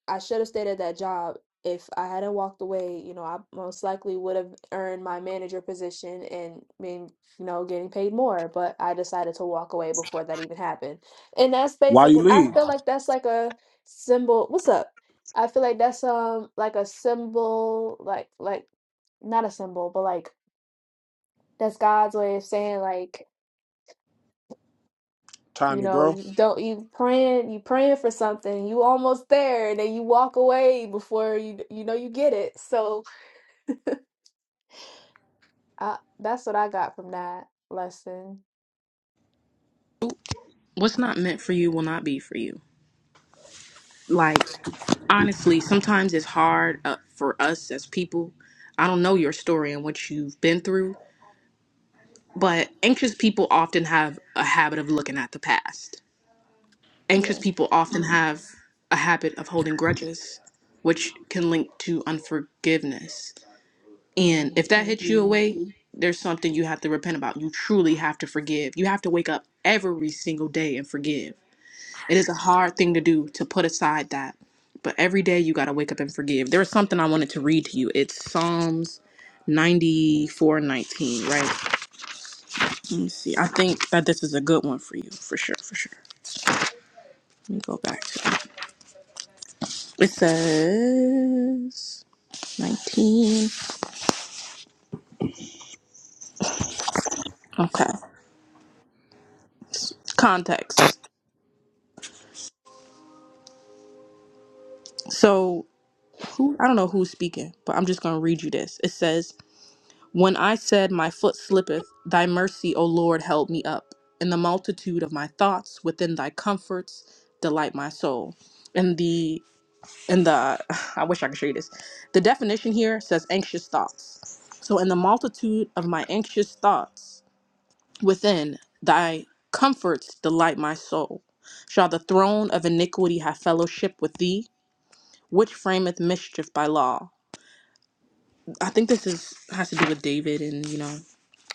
Speaker 2: I should have stayed at that job. If I hadn't walked away, you know, I most likely would have earned my manager position and been, you know, getting paid more. But I decided to walk away before that even happened. And that's
Speaker 3: Why
Speaker 2: basically,
Speaker 3: you
Speaker 2: I
Speaker 3: leave?
Speaker 2: feel like that's like a symbol. What's up? I feel like that's um like a symbol, like like not a symbol, but like that's God's way of saying like
Speaker 3: Time
Speaker 2: you
Speaker 3: to
Speaker 2: know
Speaker 3: grow.
Speaker 2: you don't you praying you praying for something you almost there and then you walk away before you you know you get it so I that's what I got from that lesson.
Speaker 1: What's not meant for you will not be for you. Like honestly, sometimes it's hard uh, for us as people. I don't know your story and what you've been through, but anxious people often have a habit of looking at the past. Anxious
Speaker 2: Yeah.
Speaker 1: people often have a habit of holding grudges, which can link to unforgiveness. And if that
Speaker 2: hmm
Speaker 1: hits you away, there's something you have to repent about. You truly have to forgive. You have to wake up every single day and forgive It is a hard thing to do to put aside that. But every day you got to wake up and forgive. There was something I wanted to read to you. It's Psalms 94 19, right? Let me see. I think that this is a good one for you, for sure, for sure. Let me go back to it. It says 19. Okay. Context. So, who, I don't know who's speaking, but I'm just going to read you this. It says, When I said, My foot slippeth, thy mercy, O Lord, held me up. In the multitude of my thoughts, within thy comforts, delight my soul. And the in the I wish I could show you this. The definition here says anxious thoughts. So in the multitude of my anxious thoughts, within thy comforts delight my soul. Shall the throne of iniquity have fellowship with thee, which frameth mischief by law? I think this is has to do with David and you know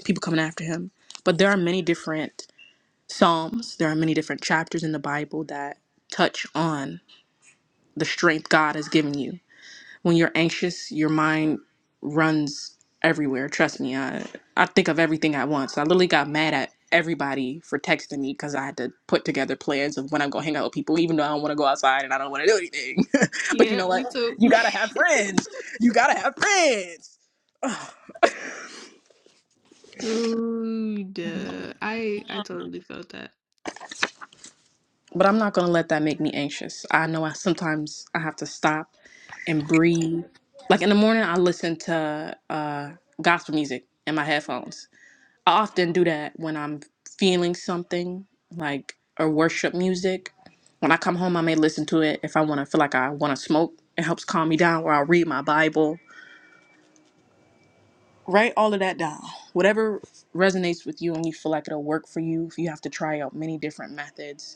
Speaker 1: people coming after him. But there are many different psalms, there are many different chapters in the Bible that touch on the strength God has given you. When you're anxious, your mind runs everywhere. Trust me, I I think of everything at once. I literally got mad at everybody for texting me because I had to put together plans of when I'm gonna hang out with people, even though I don't want to go outside and I don't want to do anything. but you
Speaker 2: Yeah,
Speaker 1: know what?
Speaker 2: me too.
Speaker 1: You gotta have friends. You gotta have friends.
Speaker 2: Ooh, duh. I I totally felt that.
Speaker 1: But I'm not gonna let that make me anxious. I know I sometimes I have to stop and breathe. Like in the morning, I listen to uh, gospel music in my headphones. I often do that when I'm feeling something, like or worship music. When I come home, I may listen to it if I want to feel like I want to smoke. It helps calm me down, or I'll read my Bible. Write all of that down. Whatever resonates with you and you feel like it'll work for you, you have to try out many different methods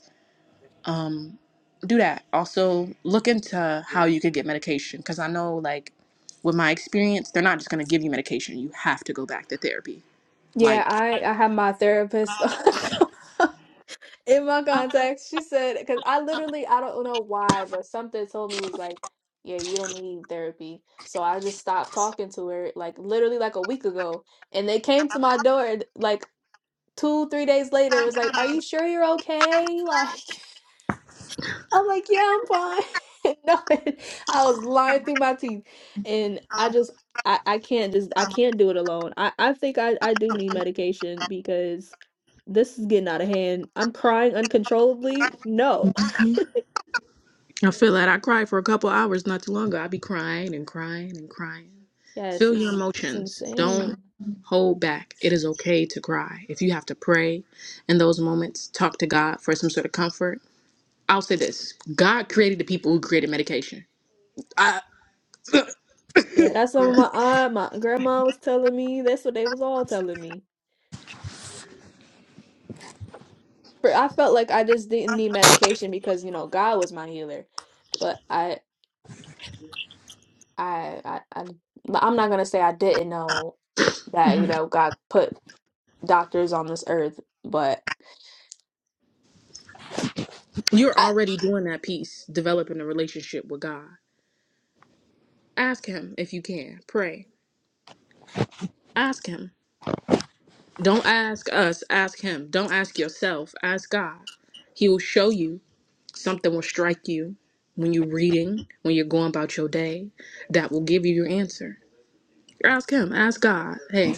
Speaker 1: um, do that. Also, look into how you could get medication because I know, like, with my experience, they're not just going to give you medication. You have to go back to therapy.
Speaker 2: Yeah,
Speaker 1: Like,
Speaker 2: I I had my therapist in my contacts. She said because I literally I don't know why, but something told me was like, yeah, you don't need therapy. So I just stopped talking to her like literally like a week ago, and they came to my door and, like two three days later. It was like, are you sure you're okay? Like. I'm like, yeah, I'm fine. No, I was lying through my teeth. And I just I, I can't just I can't do it alone. I, I think I, I do need medication because this is getting out of hand. I'm crying uncontrollably. No.
Speaker 1: I feel that I cried for a couple hours not too long ago. i be crying and crying and crying.
Speaker 2: Yes,
Speaker 1: Feel your
Speaker 2: it's it's
Speaker 1: emotions. Don't
Speaker 2: insane.
Speaker 1: hold back. It is okay to cry. If you have to pray in those moments, talk to God for some sort of comfort. I'll say this God created the people who created medication. I,
Speaker 2: Yeah, that's what my aunt, my grandma was telling me. That's what they was all telling me. For I felt like I just didn't need medication because, you know, God was my healer. But I I, I, I I'm not gonna say I didn't know that you know God put doctors on this earth, but
Speaker 1: You're
Speaker 2: I
Speaker 1: already doing that piece, developing a relationship with God. Ask Him if you can. Pray. Ask Him. Don't ask us, ask Him. Don't ask yourself, ask God. He will show you. Something will strike you when you're reading, when you're going about your day, that will give you your answer. Ask Him, ask God, hey,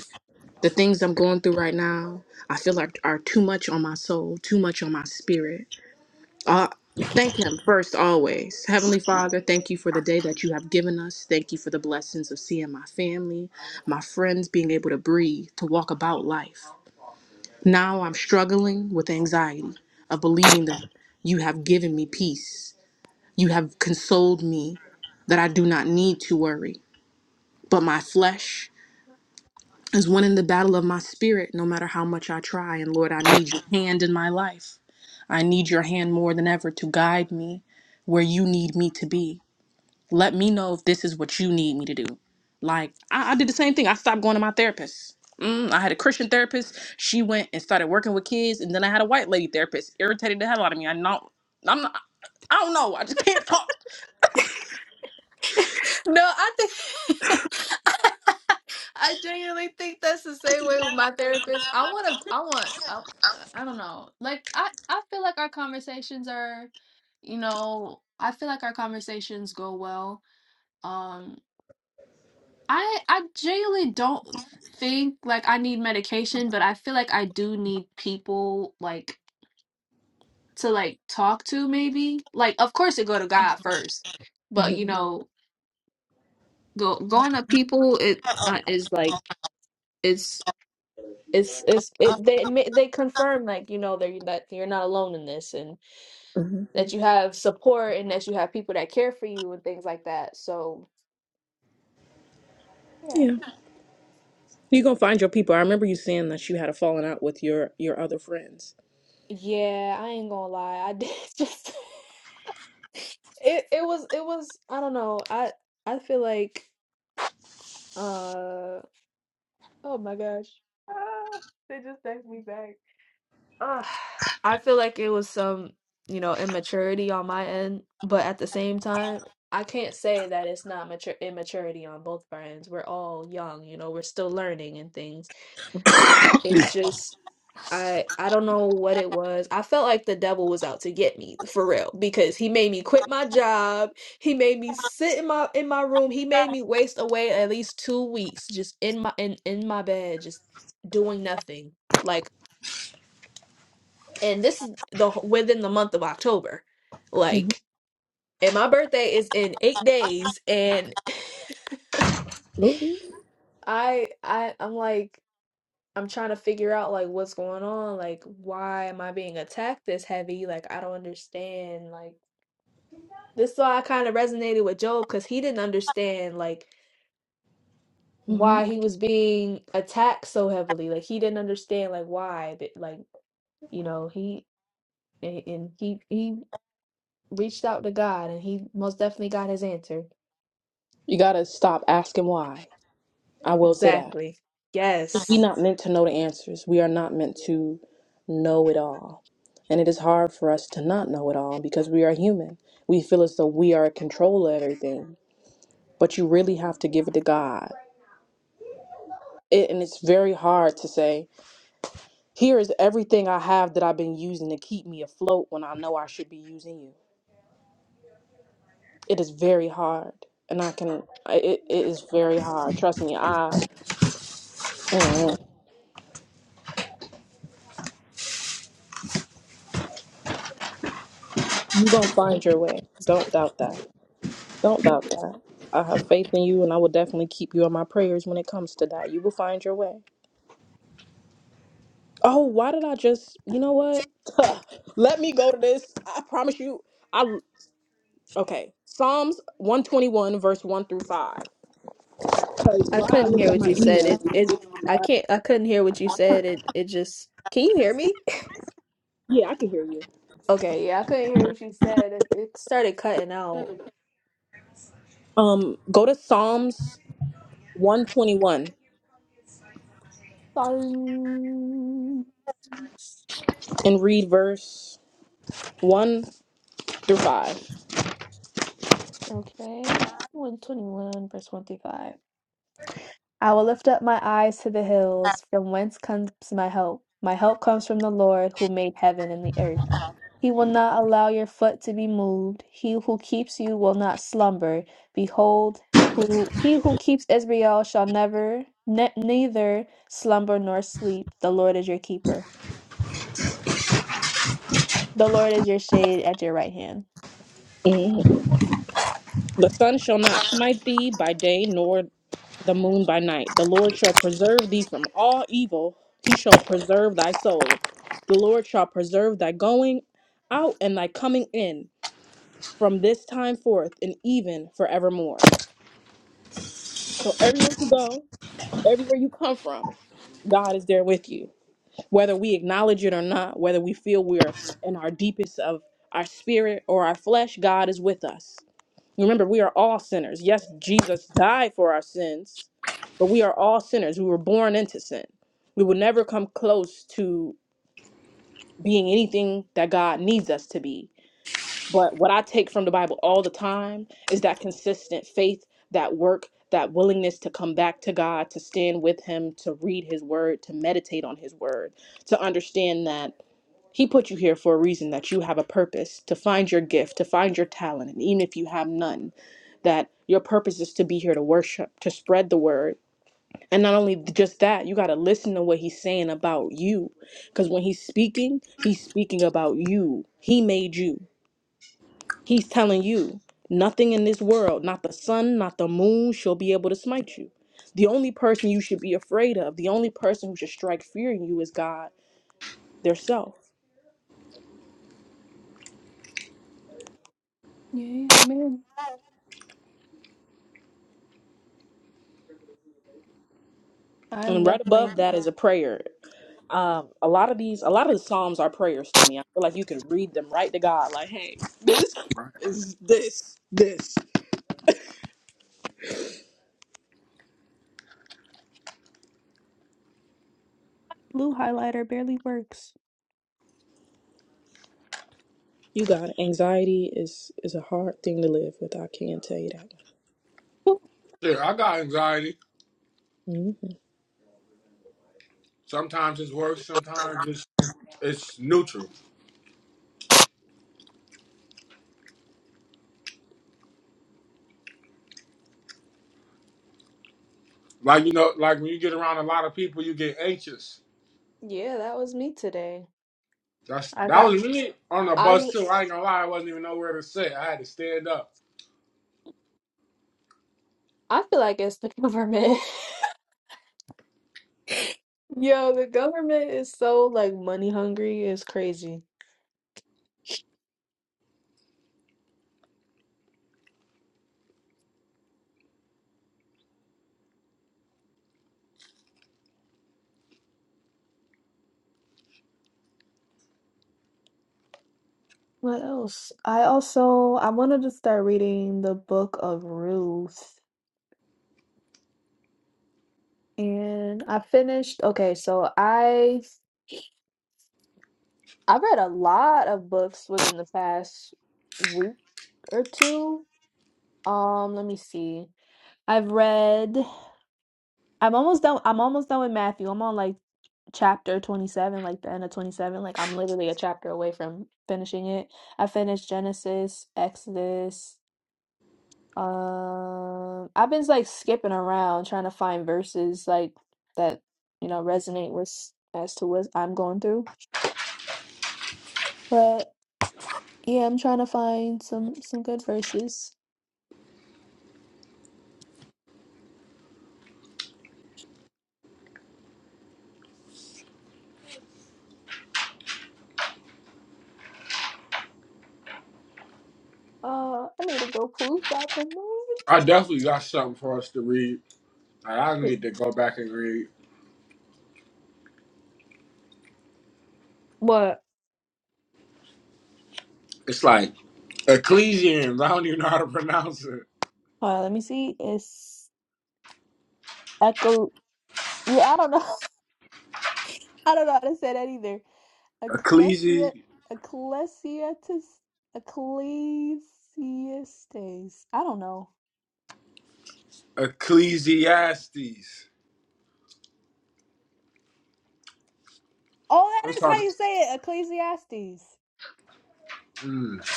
Speaker 1: the things I'm going through right now, I feel like are too much on my soul, too much on my spirit. Uh, thank Him first, always. Heavenly Father, thank you for the day that you have given us. Thank you for the blessings of seeing my family, my friends being able to breathe, to walk about life. Now I'm struggling with anxiety of believing that you have given me peace. You have consoled me that I do not need to worry. But my flesh is winning the battle of my spirit no matter how much I try. And Lord, I need your hand in my life. I need your hand more than ever to guide me where you need me to be. Let me know if this is what you need me to do. Like, I, I did the same thing. I stopped going to my therapist. Mm, I had a Christian therapist. She went and started working with kids, and then I had a white lady therapist. Irritated the hell out of me. I not, I'm not, I don't know. I just can't talk.
Speaker 2: no, I think I genuinely think that's the same way with my therapist. I want to, I want, I, I don't know. Like I, I feel like our conversations are, you know, I feel like our conversations go well. Um, I, I genuinely don't think like I need medication, but I feel like I do need people like to like talk to maybe like of course it go to god first
Speaker 1: hmm
Speaker 2: but you know go going to people it uh, is like it's it's it's it, they ma- they confirm like you know that you that you're not alone in this and
Speaker 1: hmm
Speaker 2: that you have support and that you have people that care for you and things like that so yeah
Speaker 1: Yeah, You're gonna find your people. I remember you saying that you had a falling out with your your other friends.
Speaker 2: yeah i ain't gonna lie i did just it it was it was i don't know i i feel like uh oh my gosh ah, they just text me back Ugh. I feel like it was some, you know, immaturity on my end, but at the same time, I can't say that it's not mature immaturity on both of our ends. We're all young, you know, we're still learning and things. It's just I I don't know what it was. I felt like the devil was out to get me for real because he made me quit my job. He made me sit in my in my room. He made me waste away at least 2 weeks just in my in in my bed just doing nothing. Like and this is the within the month of October.
Speaker 1: hmm
Speaker 2: Like, and my birthday is in eight days, and
Speaker 1: absolutely.
Speaker 2: I I I'm like I'm trying to figure out like what's going on, like why am I being attacked this heavy? Like I don't understand. Like this is why I kind of resonated with Job because he didn't understand like
Speaker 1: hmm
Speaker 2: why he was being attacked so heavily. Like he didn't understand like why, but like you know he and, and he he reached out to God and he most definitely got his answer.
Speaker 1: You gotta stop asking why. I will say that.
Speaker 2: Exactly.
Speaker 1: We're
Speaker 2: Yes.
Speaker 1: not meant to know the answers. We are not meant to know it all. And it is hard for us to not know it all because we are human. We feel as though we are in control of everything, but you really have to give it to God. It, and it's very hard to say, here is everything I have that I've been using to keep me afloat when I know I should be using you. It is very hard. And I can, I- it, it is very hard. Trust me, I, mm, you're going
Speaker 2: Scared
Speaker 1: to
Speaker 2: me.
Speaker 1: find your way. Don't
Speaker 2: Scared me.
Speaker 1: doubt that. Don't doubt that. I have faith in you, and I will definitely keep you in my prayers when it comes to that. You will find your way. Oh, why did I just? You know what? Let me go to this. I promise you. I okay. Psalms one twenty one verse one through five. Cause
Speaker 2: I
Speaker 1: why I
Speaker 2: couldn't
Speaker 1: looked
Speaker 2: hear
Speaker 1: at
Speaker 2: what
Speaker 1: my
Speaker 2: you said.
Speaker 1: email.
Speaker 2: It it I can't I couldn't hear what you said. It it just Can you hear me?
Speaker 1: Yeah, I can hear you.
Speaker 2: Okay, yeah, I couldn't hear what you said. It, it started cutting out.
Speaker 1: Um, go to Psalms one twenty one
Speaker 2: Silence.
Speaker 1: and read verse one through 5
Speaker 2: Okay. 121 verse 135. I will lift up my eyes to the hills, from whence comes my help. My help comes from the Lord who made heaven and the earth. He will not allow your foot to be moved. He who keeps you will not slumber. Behold, who he who keeps Israel shall never ne- neither slumber nor sleep. The Lord is your keeper. The Lord is your shade at your right hand.
Speaker 1: Mhm. The sun shall not smite thee by day, nor the moon by night. The Lord shall preserve thee from all evil. He shall preserve thy soul. The Lord shall preserve thy going out and thy coming in from this time forth and even forevermore. So everywhere you go, everywhere you come from, God is there with you. Whether we acknowledge it or not, whether we feel we're in our deepest of our spirit or our flesh, God is with us. Remember, we are all sinners. Yes, Jesus died for our sins, but we are all sinners. We were born into sin. We will never come close to being anything that God needs us to be. But what I take from the Bible all the time is that consistent faith, that work, that willingness to come back to God, to stand with Him, to read His word, to meditate on His word, to understand that. He put you here for a reason that you have a purpose to find your gift, to find your talent, and even if you have none, that your purpose is to be here to worship, to spread the word. And not only just that, you got to listen to what he's saying about you. Because when he's speaking, he's speaking about you. He made you, he's telling you nothing in this world, not the sun, not the moon, shall be able to smite you. The only person you should be afraid of, the only person who should strike fear in you is God, their self.
Speaker 2: Yeah, man. I'm
Speaker 1: And right above
Speaker 2: definitely
Speaker 1: that is a prayer. Um, a lot of these, a lot of the Psalms are prayers to me. I feel like you can read them right to God. Like, hey, this
Speaker 3: Right.
Speaker 1: is this, this.
Speaker 2: blue highlighter barely works.
Speaker 1: You got it. anxiety is is a hard thing to live with. I can tell you that.
Speaker 3: Yeah, I got anxiety.
Speaker 1: Mhm.
Speaker 3: Sometimes it's worse. Sometimes it's it's neutral. Like you know, like when you get around a lot of people, you get anxious.
Speaker 2: Yeah, that was me today.
Speaker 3: That's
Speaker 2: I
Speaker 3: that
Speaker 2: got
Speaker 3: was me on the
Speaker 2: I
Speaker 3: bus too. I ain't gonna lie, I wasn't even nowhere to sit. I had to stand up.
Speaker 2: I feel like it's the government. Yo, the government is so like money hungry. It's crazy. What else? I also I wanted to start reading the book of Ruth, and I finished. Okay, so I I read a lot of books within the past week or two. Um, let me see. I've read I'm almost done. I'm almost done with Matthew. I'm on like chapter 27, like the end of 27. Like I'm literally a chapter away from finishing it. I finished Genesis, Exodus. Um, I've been like skipping around trying to find verses like that, you know, resonate with as to what I'm going through. But yeah, I'm trying to find some some good verses. Uh, I need to go poop. Stop and move.
Speaker 3: I definitely got something for us to read. Like, I
Speaker 2: Wait,
Speaker 3: need to go back and read.
Speaker 2: What?
Speaker 3: It's like Ecclesians. I don't even know how to pronounce it.
Speaker 2: Uh, let me see. It's Echo. Yeah, I don't know. I don't know how to say that either. Ecclesia,
Speaker 3: Ecclesi
Speaker 2: ecclesiastes, ecclesiastes. I don't know.
Speaker 3: Ecclesiastes.
Speaker 2: Oh,
Speaker 3: I'm
Speaker 2: that is how
Speaker 3: talking,
Speaker 2: you say it. Ecclesiastes.
Speaker 3: mm.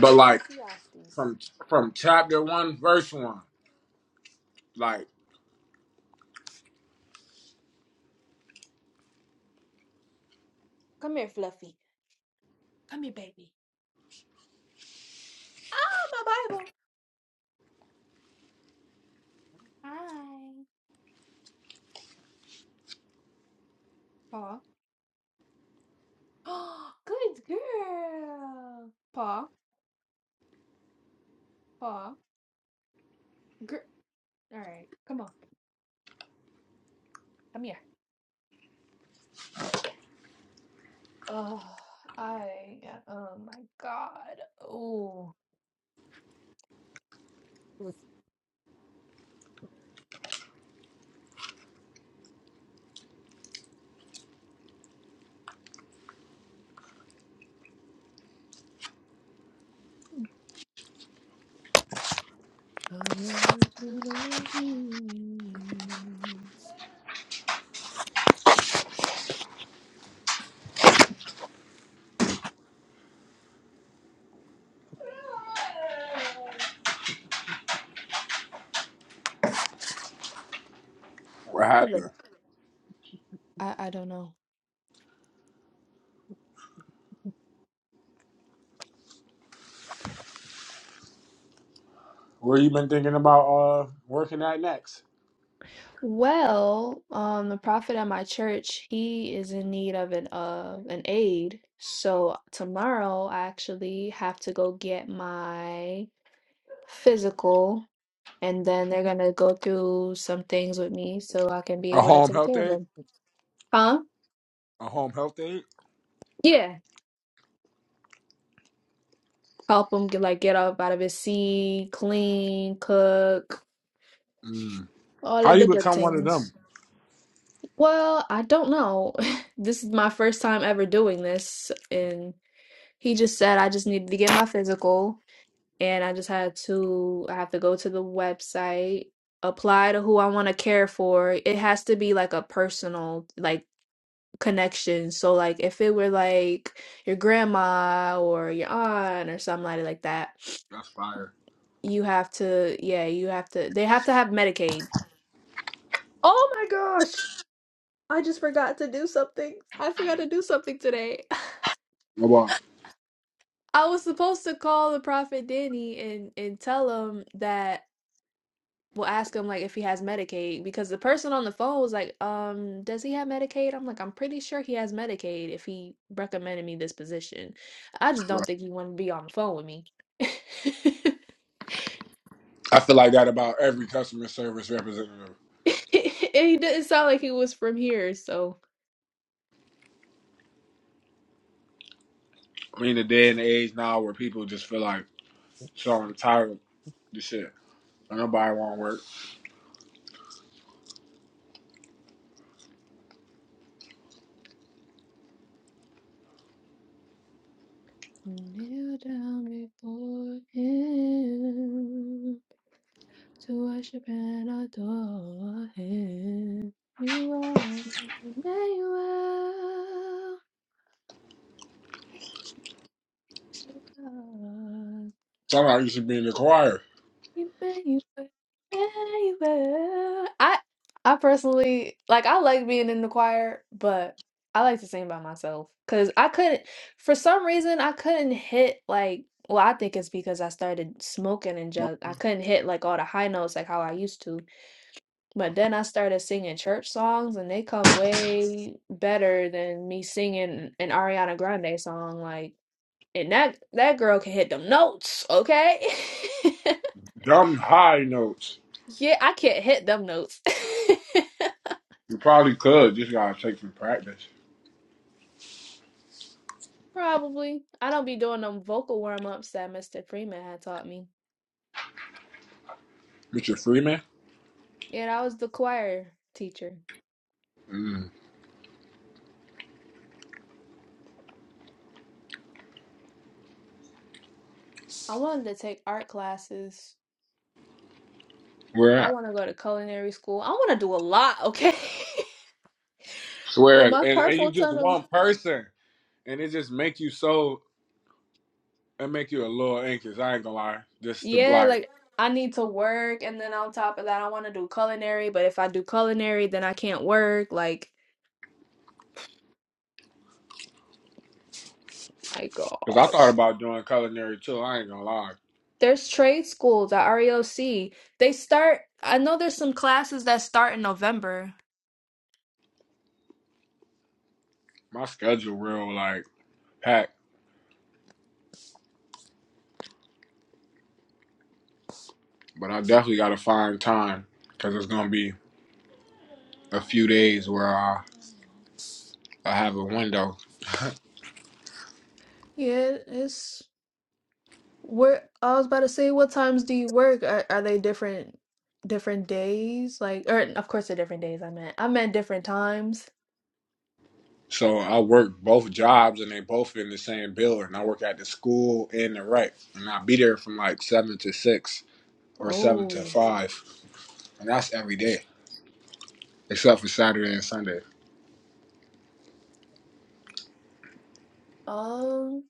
Speaker 3: but like from from chapter one, verse one. Like
Speaker 2: Come here, Fluffy. Come here, baby. Ah, my Bible. Hi. Paw. Oh, Good girl. Paw. Paw. Girl. All right. Come on. Come here. Oh, I. Oh my God. Oh. All that I wanna be.
Speaker 3: what
Speaker 2: For the-
Speaker 3: happened?
Speaker 2: I, I don't know.
Speaker 3: Where you been thinking about uh working at next?
Speaker 2: Well, um, the prophet at my church, he is in need of an uh an aid. So tomorrow I actually have to go get my physical and then they're gonna go through some things with me so I can be
Speaker 3: A
Speaker 2: able to
Speaker 3: home
Speaker 2: take
Speaker 3: health
Speaker 2: care of
Speaker 3: aide?
Speaker 2: him. Huh?
Speaker 3: A home health aide?
Speaker 2: Yeah. Help him get like get up out of his seat, clean, cook,
Speaker 3: Mm.
Speaker 2: all
Speaker 3: How
Speaker 2: of
Speaker 3: you
Speaker 2: the good
Speaker 3: become one of
Speaker 2: things.
Speaker 3: them?
Speaker 2: Well, I don't know. This is my first time ever doing this, and he just said I just needed to get my physical, and I just had to, I have to go to the website, apply to who I want to care for. It has to be like a personal, like connection. So like if it were like your grandma or your aunt or somebody like like that,
Speaker 3: That's fire.
Speaker 2: you have to, yeah, you have to, they have to have Medicaid. Oh my gosh. I just forgot to do something. I forgot to do something today.
Speaker 3: Oh, wow.
Speaker 2: I was supposed to call the prophet Danny and and tell him that we'll ask him like if he has Medicaid because the person on the phone was like, um, does he have Medicaid? I'm like, I'm pretty sure he has Medicaid if he recommended me this position. I just
Speaker 3: Right.
Speaker 2: don't think he wanted to be on the phone with me.
Speaker 3: I feel like that about every customer service representative.
Speaker 2: And he didn't sound like he was from here, so.
Speaker 3: I mean, the day and the age now where people just feel like so entitled to shit. Like, Nobody want to work.
Speaker 2: To kneel down before him, to worship and adore him. You are Emmanuel.
Speaker 3: Somebody used to be in the choir.
Speaker 2: Emmanuel, Emmanuel. I I personally like I like being in the choir, but I like to sing by myself because I couldn't for some reason I couldn't hit like well I think it's because I started smoking and just I couldn't hit like all the high notes like how I used to. But then I started singing church songs and they come way better than me singing an Ariana Grande song like and that that girl can hit them notes, okay?
Speaker 3: Dumb high notes.
Speaker 2: Yeah, I can't hit them notes.
Speaker 3: You probably could. Just gotta take some practice.
Speaker 2: Probably. I don't be doing them vocal warm ups that Mr. Freeman had taught me.
Speaker 3: Mr. Freeman?
Speaker 2: Yeah, I was the choir teacher.
Speaker 3: Mm.
Speaker 2: I wanted to take art classes.
Speaker 3: We're
Speaker 2: I
Speaker 3: at.
Speaker 2: want to go to culinary school. I want to do a lot, okay?
Speaker 3: Swear
Speaker 2: With
Speaker 3: it.
Speaker 2: my
Speaker 3: And, and you
Speaker 2: carpal
Speaker 3: just
Speaker 2: tunnel.
Speaker 3: one person. And it just make you so it make you a little anxious. I ain't gonna lie. Just to
Speaker 2: Yeah,
Speaker 3: like
Speaker 2: like I need to work, and then on top of that, I want to do culinary, but if I do culinary, then I can't work. Like, my
Speaker 3: because I thought
Speaker 2: gosh.
Speaker 3: about doing culinary too. I ain't gonna lie.
Speaker 2: There's trade schools at REOC. They start, I know there's some classes that start in November.
Speaker 3: My schedule real like packed. But I definitely gotta find time because it's gonna be a few days where I, I have a window.
Speaker 2: Yeah, it's where I was about to say, what times do you work? Are, are they different different days? Like, or of course they're different days, I meant. I meant different times.
Speaker 3: So I work both jobs and they both in the same building. I work at the school and the rec. And I be there from like seven to six or seven to
Speaker 2: Oh,
Speaker 3: five. And that's every day. except for Saturday and Sunday.
Speaker 2: um,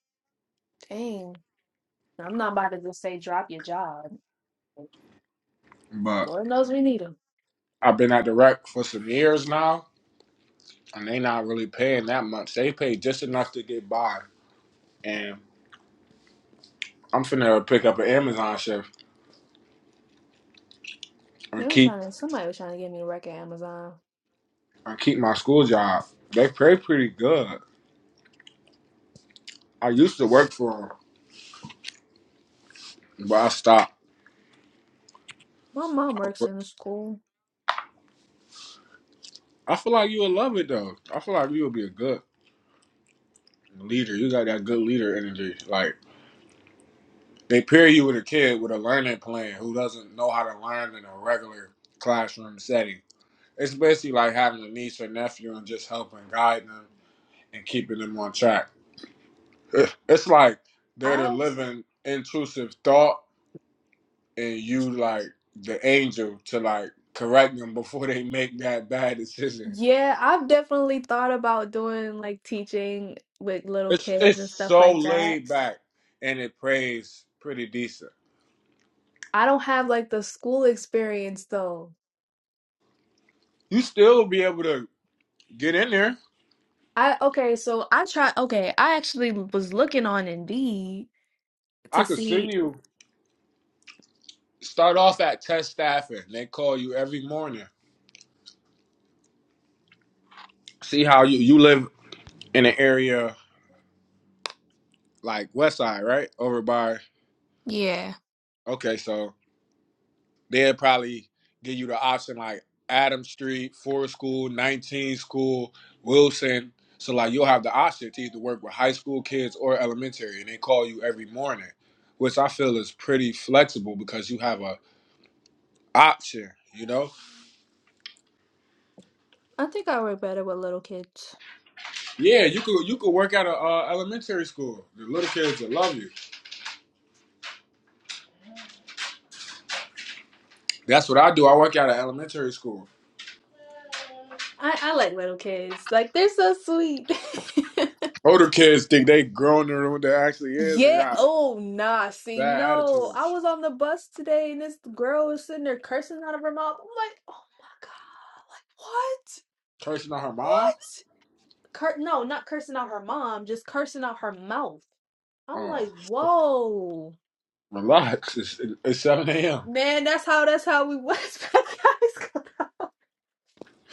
Speaker 2: dang. I'm not about to just say drop your job.
Speaker 3: But
Speaker 2: Lord knows we need them.
Speaker 3: I've been at the rec for some years now, and they not really paying that much. They pay just enough to get by, and I'm finna pick up an Amazon shift
Speaker 2: They
Speaker 3: and
Speaker 2: was
Speaker 3: keep
Speaker 2: trying to, somebody was trying to get me to work at Amazon.
Speaker 3: and keep my school job. They pay pretty good. I used to work for them, but I stopped.
Speaker 2: My mom works in a school.
Speaker 3: I feel like you would love it though. I feel like you would be a good leader. You got that good leader energy. Like they pair you with a kid with a learning plan who doesn't know how to learn in a regular classroom setting It's basically like having a niece or nephew and just helping guide them and keeping them on track. It's like they're
Speaker 2: I.
Speaker 3: the living intrusive thought, and you like the angel to like correct them before they make that bad decision.
Speaker 2: Yeah, I've definitely thought about doing like teaching with little
Speaker 3: It's
Speaker 2: kids
Speaker 3: it's
Speaker 2: and stuff
Speaker 3: so
Speaker 2: like that.
Speaker 3: laid back and it plays pretty decent.
Speaker 2: I don't have like the school experience though.
Speaker 3: You still be able to get in there.
Speaker 2: I okay, so I try okay, I actually was looking on Indeed
Speaker 3: I
Speaker 2: to
Speaker 3: could send
Speaker 2: see
Speaker 3: you start off at test staffing. They call you every morning. See how you you live in an area like West Side, right? Over by
Speaker 2: yeah.
Speaker 3: okay, so they'd probably give you the option like Adam Street, Forest School, 19 School, Wilson. So like you'll have the option to either work with high school kids or elementary, and they call you every morning, which I feel is pretty flexible because you have a option. You know,
Speaker 2: I think I work better with little kids.
Speaker 3: yeah, you could you could work at a uh, elementary school. The little kids will love you. That's what I do. I work at an elementary school.
Speaker 2: I I like little kids. Like they're so sweet.
Speaker 3: Older kids think they grown than what they actually is and
Speaker 2: Yeah,
Speaker 3: got
Speaker 2: oh nah, see,
Speaker 3: bad
Speaker 2: no.
Speaker 3: attitude.
Speaker 2: I was on the bus today and this girl was sitting there cursing out of her mouth. I'm like, oh my God, like what?
Speaker 3: Cursing on her mom?
Speaker 2: What? Cur- no, not cursing out her mom, just cursing out her mouth. I'm
Speaker 3: Oh,
Speaker 2: like, whoa.
Speaker 3: relax. It's, it's 7 a.m.
Speaker 2: Man, that's how that's how we was back in high school.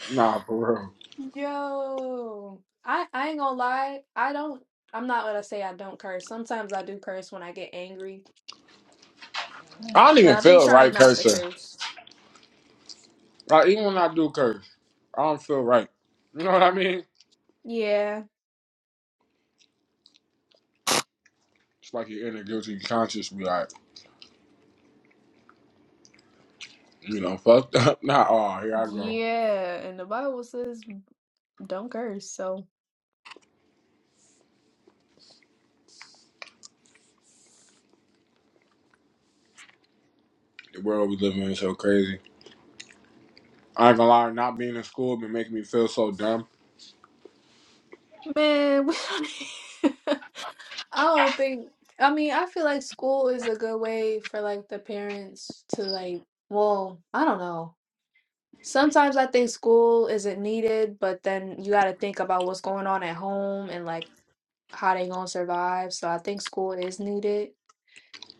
Speaker 3: Nah, for real.
Speaker 2: Yo, I I ain't gonna lie. I don't. I'm not gonna say I don't curse. Sometimes I do curse when I get angry.
Speaker 3: I don't
Speaker 2: But
Speaker 3: even
Speaker 2: I've been
Speaker 3: feel
Speaker 2: trying
Speaker 3: right
Speaker 2: not to
Speaker 3: cursing.
Speaker 2: curse.
Speaker 3: Like, even when I do curse, I don't feel right. You know what I mean?
Speaker 2: Yeah,
Speaker 3: It's like your inner guilty conscience be like, you know, fucked up. Nah, oh, here I go.
Speaker 2: yeah. And the Bible says don't curse. So.
Speaker 3: The world we live in is so crazy. I ain't gonna lie, not being in school been making me feel so dumb.
Speaker 2: Man, we don't I don't think I mean, I feel like school is a good way for like the parents to like, well, I don't know. Sometimes I think school isn't needed, but then you got to think about what's going on at home and like how they gonna survive. So I think school is needed.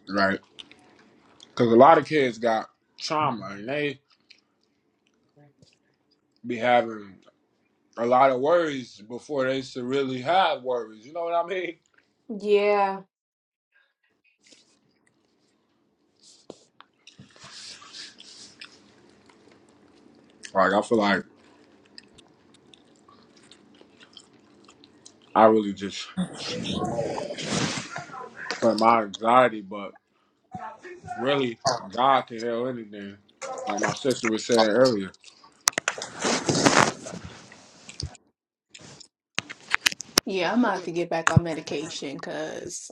Speaker 3: Right? Because a lot of kids got trauma and they be having a lot of worries before they should really have worries. You know what I mean?
Speaker 2: Yeah.
Speaker 3: Like, I feel like I really just smoke for my anxiety, but really, God can heal anything. Like my sister was saying earlier,
Speaker 2: Yeah, I'm gonna have to get back on medication because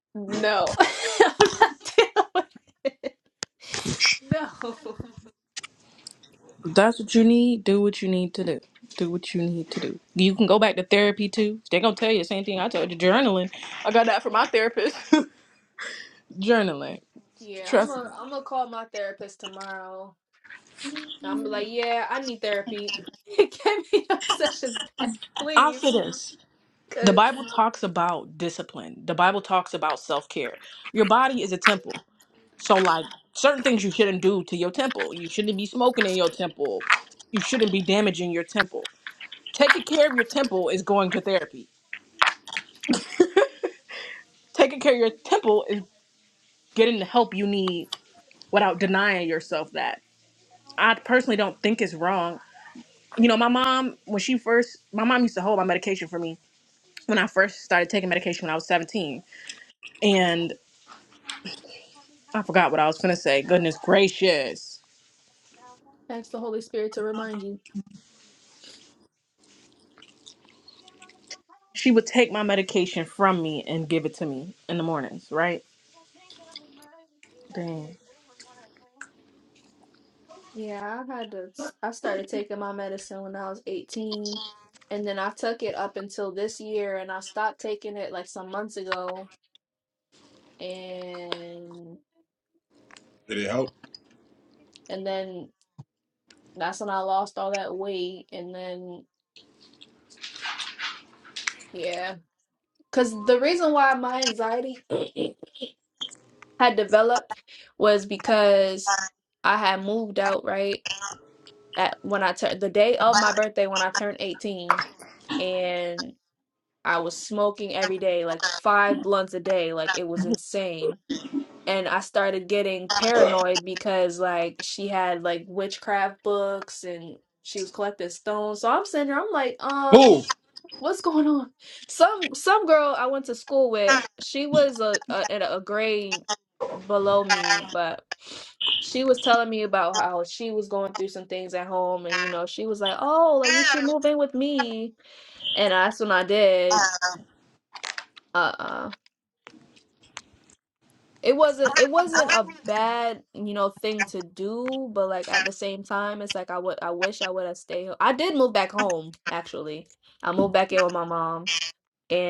Speaker 2: no, I'm not dealing with it. No.
Speaker 1: If That's what you need. Do what you need to do. Do what you need to do. You can go back to therapy too. They're gonna tell you the same thing I told you. Journaling. I got that from my therapist. Journaling.
Speaker 2: Yeah, I'm
Speaker 1: Trust me.
Speaker 2: a I'm gonna call my therapist tomorrow. I'm like, yeah, I need therapy. Get me those sessions back,
Speaker 1: I'll say
Speaker 2: please,
Speaker 1: this. The
Speaker 2: because
Speaker 1: Bible talks about discipline. The Bible talks about self care. Your body is a temple. So like certain things you shouldn't do to your temple. You shouldn't be smoking in your temple. You shouldn't be damaging your temple. Taking care of your temple is going to therapy. Taking care of your temple is getting the help you need without denying yourself that. I personally don't think it's wrong. You know, my mom when she first my mom used to hold my medication for me when I first started taking medication when I was 17. And I forgot what I was going to say. Goodness gracious.
Speaker 2: ask the Holy Spirit to remind you.
Speaker 1: She would take my medication from me and give it to me in the mornings, right? Dang.
Speaker 2: Yeah, I had to. I started taking my medicine when I was 18, and then I took it up until this year, and I stopped taking it like some months ago. and
Speaker 3: did it help?
Speaker 2: and then that's when I lost all that weight and then yeah cuz the reason why my anxiety had developed was because I had moved out right at when I turned the day of my birthday when I turned 18 and I was smoking every day like 5 blunts a day like it was insane and I started getting paranoid because like she had like witchcraft books and she was collecting stones. So I'm sitting there, I'm like, um,
Speaker 3: Who?
Speaker 2: what's going on? Some some girl I went to school with, she was a, a in a grade below me, but she was telling me about how she was going through some things at home and you know, she was like, Oh, like you should move in with me and that's when I did. Uh. uh it wasn't it wasn't a bad you know thing to do but like at the same time it's like i would i wish i would have stayed ho- i did move back home actually i moved back in with my mom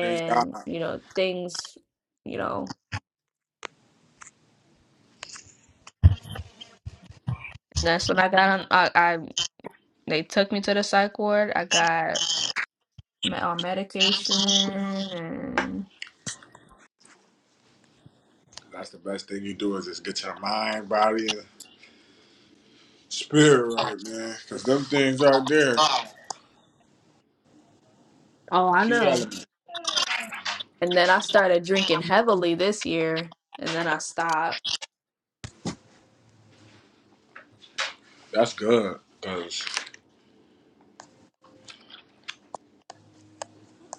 Speaker 3: Thank God.
Speaker 2: you know things you know that's when i got on i, I they took me to the psych ward i got me- on medication and
Speaker 3: That's the best thing you do is just get your mind, body, and spirit right, man. Cause them things right there,
Speaker 2: oh i
Speaker 3: key
Speaker 2: know
Speaker 3: element.
Speaker 2: and then i started drinking heavily this year and then i stopped
Speaker 3: That's good. Cause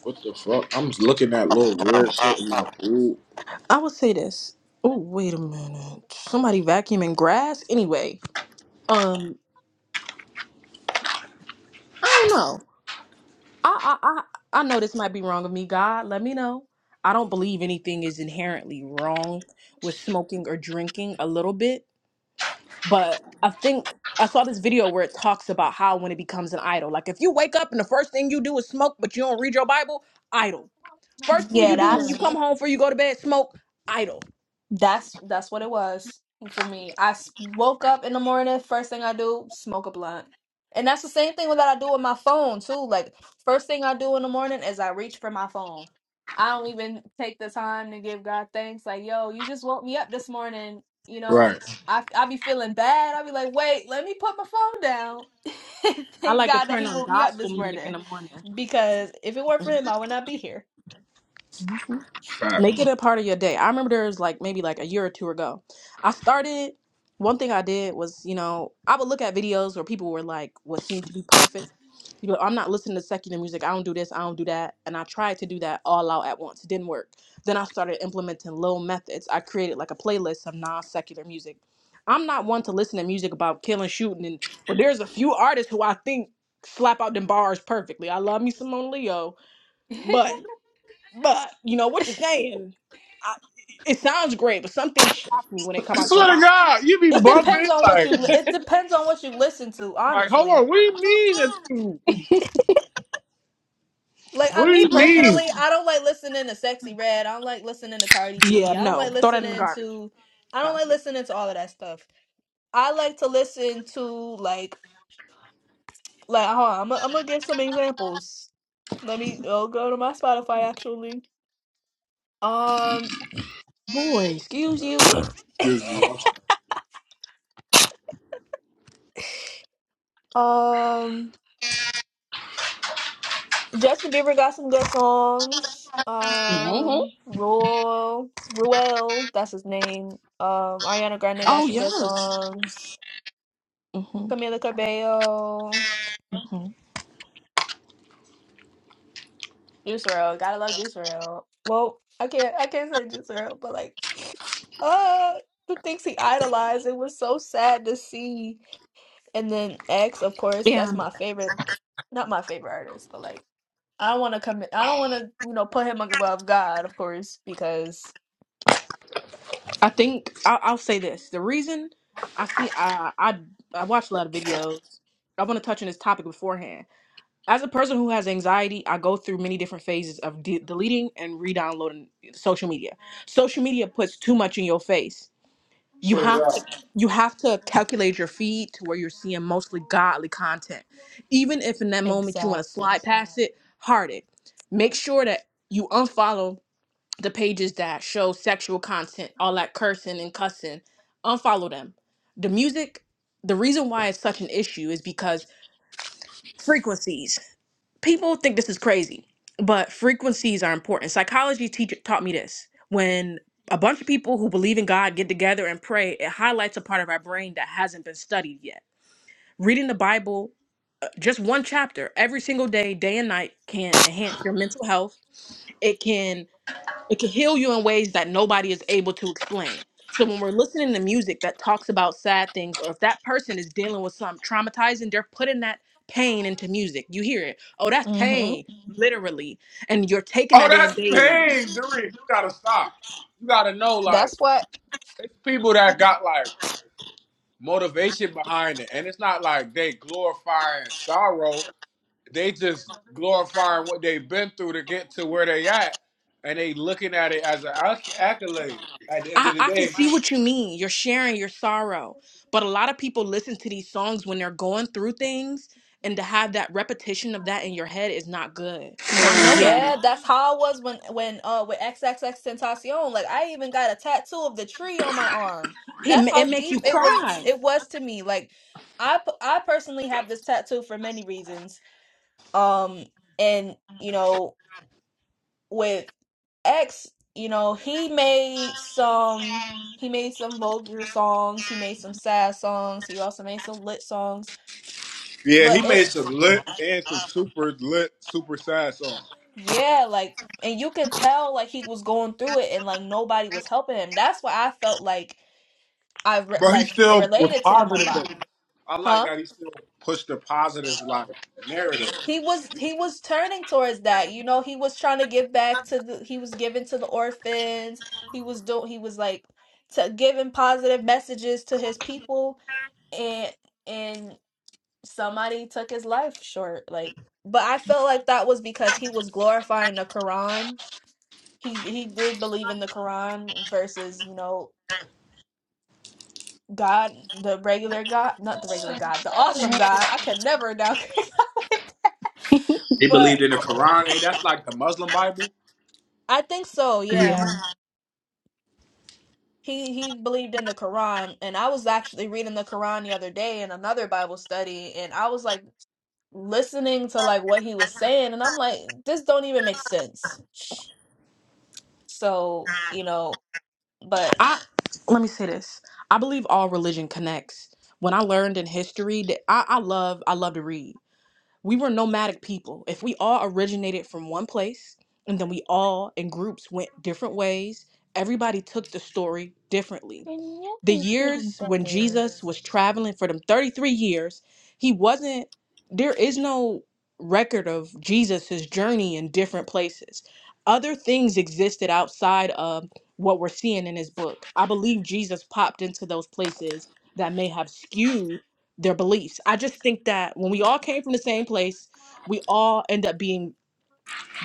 Speaker 3: what the fuck? I'm just looking at little weird shit in my food.
Speaker 1: I would say this. Oh, wait a minute. Somebody vacuuming grass? Anyway, um, I don't know. I I I, I know this might be wrong of me. God, let me know. I don't believe anything is inherently wrong with smoking or drinking a little bit, but I think I saw this video where it talks about how when it becomes an idol, like if you wake up and the first thing you do is smoke, but you don't read your Bible, idol. First thing
Speaker 2: yeah
Speaker 1: you do,
Speaker 2: that's.
Speaker 1: come home before you go to bed, smoke, idol.
Speaker 2: That's that's what it was for me. I s- woke up in the morning, first thing I do, smoke a blunt. And that's the same thing that I do with my phone too. Like first thing I do in the morning is I reach for my phone. I don't even take the time to give God thanks. Like, yo, you just woke me up this morning. You know,
Speaker 3: Right.
Speaker 2: I I be feeling bad. I be like, wait, let me put my phone down.
Speaker 1: I
Speaker 2: Thank
Speaker 1: like to
Speaker 2: God that
Speaker 1: turn
Speaker 2: He woke me up this
Speaker 1: music in
Speaker 2: morning
Speaker 1: morning.
Speaker 2: because if it weren't for Him, I would not be here.
Speaker 3: Fact.
Speaker 1: Make it a part of your day. I remember there was like maybe like a year or two ago. I started one thing I did was, you know, I would look at videos where people were like what seemed to be perfect. You know, I'm not listening to secular music. I don't do this, I don't do that. And I tried to do that all out at once. It didn't work. Then I started implementing little methods. I created like a playlist of non-secular music. I'm not one to listen to music about killing, shooting, and but there's a few artists who I think slap out them bars perfectly. I love me Simone Leo, but. But you know what you're saying. I, it sounds great, but some things shock me when they
Speaker 3: I
Speaker 1: come out your
Speaker 3: swear to
Speaker 1: mouth.
Speaker 3: God, you be
Speaker 2: It depends
Speaker 3: bumping
Speaker 2: on what
Speaker 3: like,
Speaker 2: you. It depends on what you listen to,
Speaker 3: like, hold
Speaker 2: honestly.
Speaker 3: on. What do you mean that you?
Speaker 2: Like I,
Speaker 3: What do
Speaker 2: me
Speaker 3: you mean?
Speaker 2: personally, I don't like listening to Sexy Red. I don't like listening to Cardi
Speaker 1: Yeah,
Speaker 2: B. I don't
Speaker 1: no,
Speaker 2: like
Speaker 1: throw that in the
Speaker 2: listening
Speaker 1: garbage.
Speaker 2: to. I don't like listening to all of that stuff. I like to listen to like like. Hold on, I'm gonna I'm gonna give some examples. Let me. I'll go to my Spotify actually. Um.
Speaker 1: Boy, excuse you.
Speaker 3: Excuse me.
Speaker 2: Um. Justin Bieber got some good songs.
Speaker 1: hmm
Speaker 2: Um, Ruel, Ruel, that's his name. Um, Ariana Grande got
Speaker 1: Oh
Speaker 2: some good
Speaker 1: yes.
Speaker 2: songs.
Speaker 1: hmm
Speaker 2: Camila Cabello,
Speaker 1: hmm
Speaker 2: Juice WRLD, gotta love Juice WRLD. Well, I can't, I can't say Juice WRLD, but like, uh, the things he idolized, it was so sad to see. And then X, of course,
Speaker 1: Yeah.
Speaker 2: that's my favorite, not my favorite artist, but like, I don't want to commit, I don't want to, you know, put him above God, of course, because.
Speaker 1: I think I'll, I'll say this. The reason I see I I I watch a lot of videos. I want to touch on this topic beforehand. As a person who has anxiety, I go through many different phases of de- deleting and re-downloading social media. Social media puts too much in your face you
Speaker 3: Swear to
Speaker 1: have
Speaker 3: God.
Speaker 1: to you have to calculate your
Speaker 2: Exactly.
Speaker 1: feed to where you're seeing mostly godly content even if in that moment you want to slide past it hard it make sure that you unfollow the pages that show sexual content all that cursing and cussing unfollow them the music the reason why it's such an issue is because frequencies people think this is crazy, but frequencies are important. Psychology teacher taught me this. When a bunch of people who believe in God get together and pray, it highlights a part of our brain that hasn't been studied yet. Reading the Bible, uh, just one chapter every single day, day and night, can enhance your mental health. It can it can heal you in ways that nobody is able to explain. So when we're listening to music that talks about sad things, or if that person is dealing with something traumatizing, they're putting that pain into music. You hear it. Oh, that's
Speaker 2: Mm-hmm.
Speaker 1: pain, literally. And you're taking
Speaker 3: Oh,
Speaker 1: that in
Speaker 3: that's
Speaker 1: daily.
Speaker 3: pain, Derek. You gotta stop. You gotta know,
Speaker 2: That's
Speaker 3: like,
Speaker 2: what
Speaker 3: it's people that got like motivation behind it, and it's not like they glorifying sorrow. They just glorifying what they've been through to get to where they at, and they looking at it as an acc- accolade. At the end
Speaker 1: I,
Speaker 3: of the
Speaker 1: I can
Speaker 3: day,
Speaker 1: see what you mean. You're sharing your sorrow. But a lot of people listen to these songs when they're going through things. And to have that repetition of that in your head is not good. I
Speaker 2: Ex-
Speaker 1: know that.
Speaker 2: Yeah, that's how I was when when uh with X X X Tentacion. Like I even got a tattoo of the tree on my arm.
Speaker 1: It,
Speaker 2: That's
Speaker 1: ma- it
Speaker 2: how
Speaker 1: make
Speaker 2: deep
Speaker 1: you
Speaker 2: it was
Speaker 1: cry.
Speaker 2: it was to me. Like I p- I personally have this tattoo for many reasons. Um and you know with X, you know, he made some he made some vulgar songs, he made some sad songs, he also made some lit songs,
Speaker 3: yeah,
Speaker 2: but
Speaker 3: he
Speaker 2: it's
Speaker 3: made some lit and some super lit, super sad songs,
Speaker 2: Yeah, like, and you can tell like he was going through it, and like nobody was helping him. That's why I felt like I re
Speaker 3: but he
Speaker 2: like
Speaker 3: still was
Speaker 2: related to him a
Speaker 3: positive
Speaker 2: lot,
Speaker 3: though. I like
Speaker 2: huh?
Speaker 3: that he still pushed the positive like narrative.
Speaker 2: He was he was turning towards that, you know. He was trying to give back to the he was giving to the orphans. He was doing he was like to giving positive messages to his people, and and somebody took his life short, like. But I felt like that was because he was glorifying the Quran he he did believe in the Quran versus you know God, the regular God, not the regular God, the awesome God. I can never downgrade, God.
Speaker 3: He
Speaker 2: but
Speaker 3: believed in the Quran. Hey, that's like the Muslim Bible.
Speaker 2: I think so. Yeah, he he believed in the Quran, and I was actually reading the Quran the other day in another Bible study, and I was like listening to like what he was saying, and I'm like, this don't even make sense. So you know, but
Speaker 1: I let me say this. I believe all religion connects. When I learned in history that I, I love I love to read. We were nomadic people. If we all originated from one place and then we all in groups went different ways, everybody took the story differently. The years when Jesus was traveling for them 33 years. He wasn't, there is no record of Jesus's journey in different places. Other things existed outside of what we're seeing in his book. I believe Jesus popped into those places that may have skewed their beliefs. I just think that when we all came from the same place, we all end up being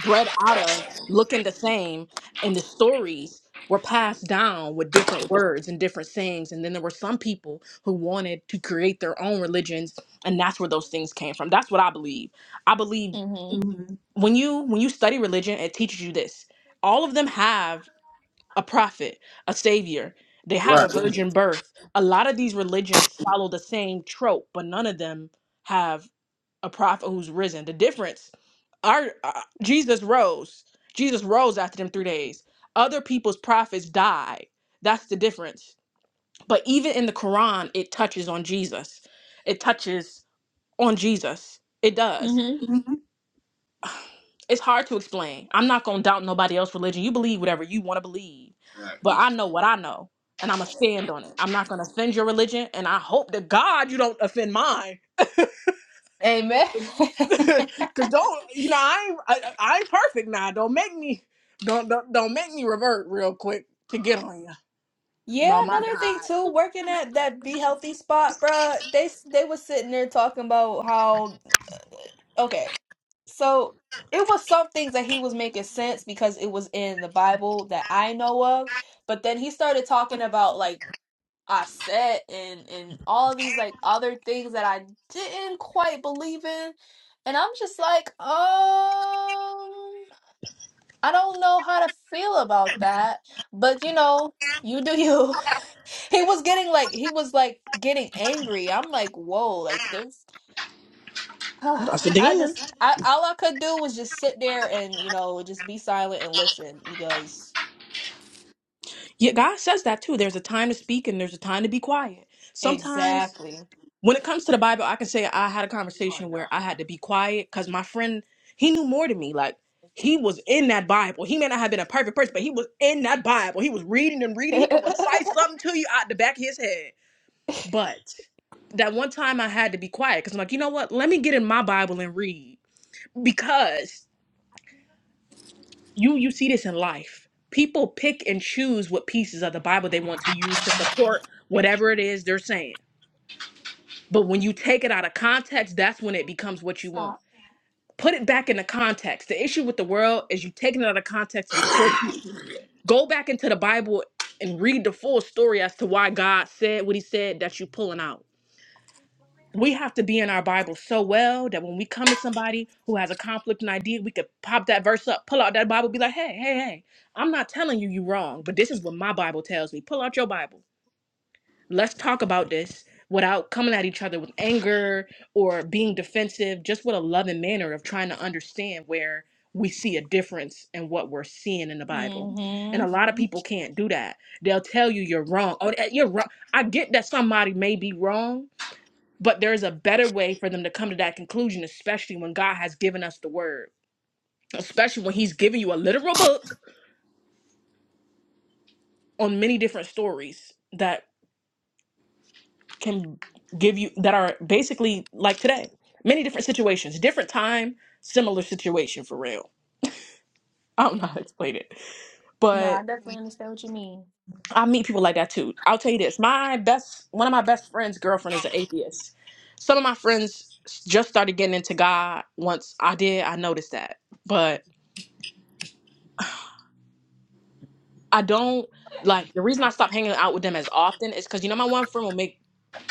Speaker 1: bred out of looking the same and the stories were passed down with different words and different sayings and then there were some people who wanted to create their own religions and that's where those things came from that's what i believe i believe
Speaker 2: mm-hmm,
Speaker 1: when you when you study religion it teaches you this all of them have a prophet a savior they have a
Speaker 3: Right.
Speaker 1: virgin birth a lot of these religions follow the same trope but none of them have a prophet who's risen. The difference, our uh, Jesus rose. Jesus rose after them three days. Other people's prophets died. That's the difference. But even in the Quran, it touches on Jesus. It touches on Jesus. It does.
Speaker 2: mm-hmm.
Speaker 1: It's hard to explain. I'm not gonna doubt nobody else's religion. You believe whatever you want to believe,
Speaker 3: Right.
Speaker 1: but I know what I know, and I'm gonna stand on it. I'm not gonna offend your religion, and I hope to God you don't offend mine
Speaker 2: amen.
Speaker 1: Cause don't you know I ain't I, I ain't perfect now. Don't make me don't don't don't make me revert real quick to get on you.
Speaker 2: Yeah,
Speaker 1: Oh my
Speaker 2: another thing
Speaker 1: God.
Speaker 2: too, working at that Be Healthy spot, bruh, they s- they was sitting there talking about how okay, so it was some things that he was making sense because it was in the Bible that I know of, but then he started talking about like I said and and all of these like other things that I didn't quite believe in, and I'm just like, um, I don't know how to feel about that, but you know, you do you. he was getting like he was like getting angry. I'm like, whoa, like there's
Speaker 1: What else?
Speaker 2: I
Speaker 1: Demon.
Speaker 2: just I all I could do was just sit there and you know just be silent and listen because
Speaker 1: Yeah, God says that too. There's a time to speak and there's a time to be quiet. Sometimes
Speaker 2: exactly.
Speaker 1: when it comes to the Bible, I can say I had a conversation where I had to be quiet because my friend he knew more than me. Like he was in that Bible. He may not have been a perfect person, but he was in that Bible. He was reading and reading. He could recite something to you out the back of his head But that one time I had to be quiet because I'm like, you know what? Let me get in my Bible and read because you you see this in life. People pick and choose what pieces of the Bible they want to use to support whatever it is they're saying. But when you take it out of context, that's when it becomes what you want.
Speaker 2: Stop.
Speaker 1: Put it back into context. The issue with the world is you taking it out of context to support
Speaker 3: Fuck
Speaker 1: you. Go back into the Bible and read the full story as to why God said what he said that you're pulling out we have to be in our Bible so well that when we come to somebody who has a conflict and idea, we could pop that verse up, pull out that Bible, be like, hey, hey, hey, I'm not telling you you're wrong, but this is what my Bible tells me. Pull out your Bible. Let's talk about this without coming at each other with anger or being defensive, just with a loving manner of trying to understand where we see a difference in what we're seeing in the Bible. And
Speaker 2: Mm-hmm.
Speaker 1: a lot of people can't do that. They'll tell you you're wrong. Oh, eh, you're wrong. I get that somebody may be wrong, but there's a better way for them to come to that conclusion, especially when God has given us the word, especially when He's given you a literal book on many different stories that can give you, that are basically like today, many different situations, different time, similar situation for real. I don't know how to explain it,
Speaker 2: No, I
Speaker 1: but
Speaker 2: definitely understand what you mean.
Speaker 1: I meet people like that too. I'll tell you this my best, one of my best friends' girlfriend is an atheist. Some of my friends just started getting into God once I did, I noticed that. I don't like the reason I stopped hanging out with them as often is because you know my one friend will make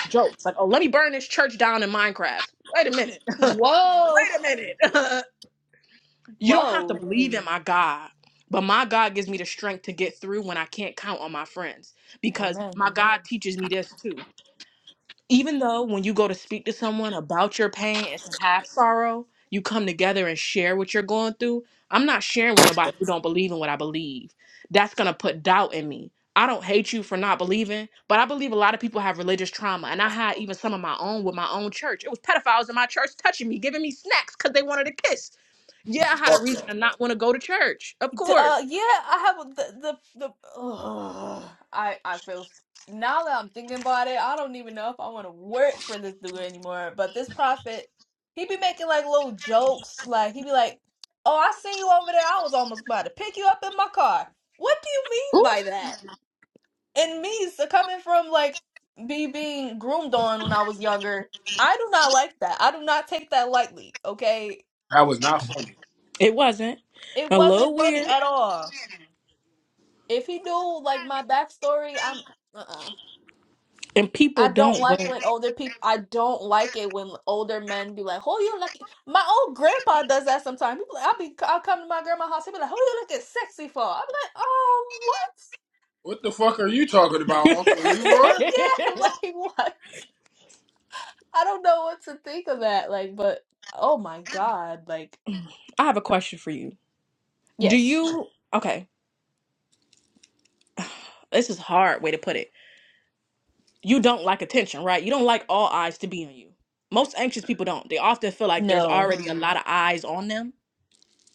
Speaker 1: jokes like, "Oh, let me burn this church down in Minecraft." Wait a minute,
Speaker 2: Whoa.
Speaker 1: you don't have to
Speaker 2: Whoa.
Speaker 1: believe in my God, but my God gives me the strength to get through when I can't count on my friends because
Speaker 2: Amen.
Speaker 1: my God teaches me this too. even though when you go to speak to someone about your pain and to have sorrow, you come together and share what you're going through. I'm not sharing with nobody who don't believe in what I believe. That's gonna put doubt in me. I don't hate you for not believing, but I believe a lot of people have religious trauma, and I had even some of my own with my own church. It was pedophiles in my church touching me, giving me snacks because they wanted a kiss. Yeah, I had a reason
Speaker 3: no.
Speaker 1: to not want to go to church. Of
Speaker 2: D- Uh,
Speaker 1: course,
Speaker 2: yeah, I have a- the the the. Ugh, I I feel s- now that I'm thinking about it, I don't even know if I want to work for this dude anymore. But this prophet, he be making like little jokes, like he be like, "Oh, I seen you over there. I was almost about to pick you up in my car." What do you
Speaker 1: Ooh.
Speaker 2: mean by that? And me so coming from like me being groomed on when I was younger, I do not like that. I do not take that lightly. Okay,
Speaker 3: That was not funny.
Speaker 1: it wasn't
Speaker 2: it
Speaker 1: a
Speaker 2: wasn't
Speaker 1: little
Speaker 2: funny at all. If he knew like my backstory, I'm uh-uh.
Speaker 1: and people
Speaker 2: I
Speaker 1: don't.
Speaker 2: don't like when older people. I don't like it when older men be like, "Oh, you looking." My old grandpa does that sometimes. He be like- I'll be, I'll come to my grandma's house. He'll be like, "Oh, you looking sexy for?" I'm like, "Oh, what?
Speaker 3: What the fuck are you talking about, Uncle Leroy?
Speaker 2: yeah, like what? I don't know what to think of that. Like, but oh my god, like
Speaker 1: I have a question for you. Do
Speaker 2: yes,
Speaker 1: you, okay, this is a hard way to put it. You don't like attention, right? You don't like all eyes to be on you. Most anxious people don't. They often feel like there's already
Speaker 2: no.
Speaker 1: lot of eyes on them.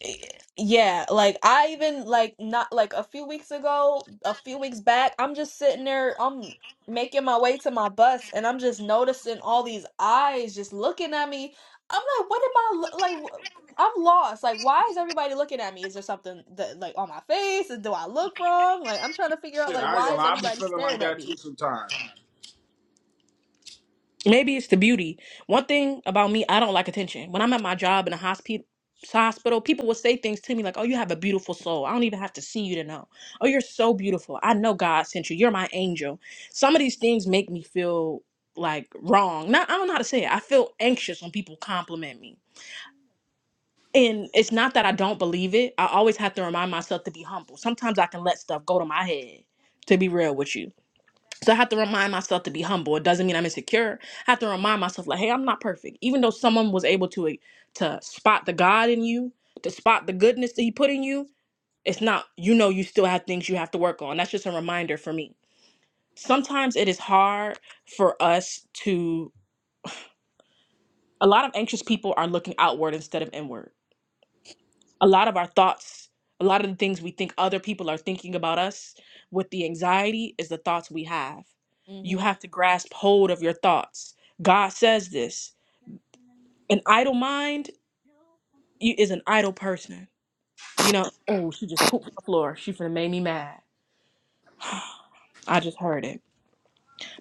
Speaker 2: Eh, Yeah, like I even like not like a few weeks ago, a few weeks back, I'm just sitting there, I'm making my way to my bus and I'm just noticing all these eyes just looking at me. I'm like, what am I lo- like wh- I'm lost. Like why is everybody looking at me? Is there something that like on my face? Do I look wrong? Like I'm trying to figure out
Speaker 3: Shit,
Speaker 2: like
Speaker 3: I ain't
Speaker 2: why
Speaker 3: gonna
Speaker 2: is
Speaker 3: lie. I be
Speaker 2: everybody
Speaker 3: feeling like
Speaker 2: staring at
Speaker 3: that too
Speaker 2: me?
Speaker 3: sometimes.
Speaker 1: Maybe it's the beauty. One thing about me, I don't like attention. When I'm at my job in a hospital, hospital, people will say things to me like, "Oh, you have a beautiful soul. I don't even have to see you to know. Oh, you're so beautiful. I know God sent you. You're my angel." Some of these things make me feel like wrong. Not I don't know how to say it. I feel anxious when people compliment me and it's not that I don't believe it. I always have to remind myself to be humble. Sometimes I can let stuff go to my head, to be real with you. So I have to remind myself to be humble. It doesn't mean I'm insecure. I have to remind myself, like, hey, I'm not perfect. Even though someone was able to eh, to spot the God in you, to spot the goodness that He put in you, it's not. You know, you still have things you have to work on. That's just a reminder for me. Sometimes it is hard for us to. A lot of anxious people are looking outward instead of inward a lot of our thoughts, a lot of the things we think other people are thinking about us with the anxiety is the thoughts we have. You
Speaker 2: Mhm.
Speaker 1: have to grasp hold of your thoughts. God says this. An idle mind you- is an idle person. You know, oh, she just pooped on the floor. She finna make me mad. I just heard it.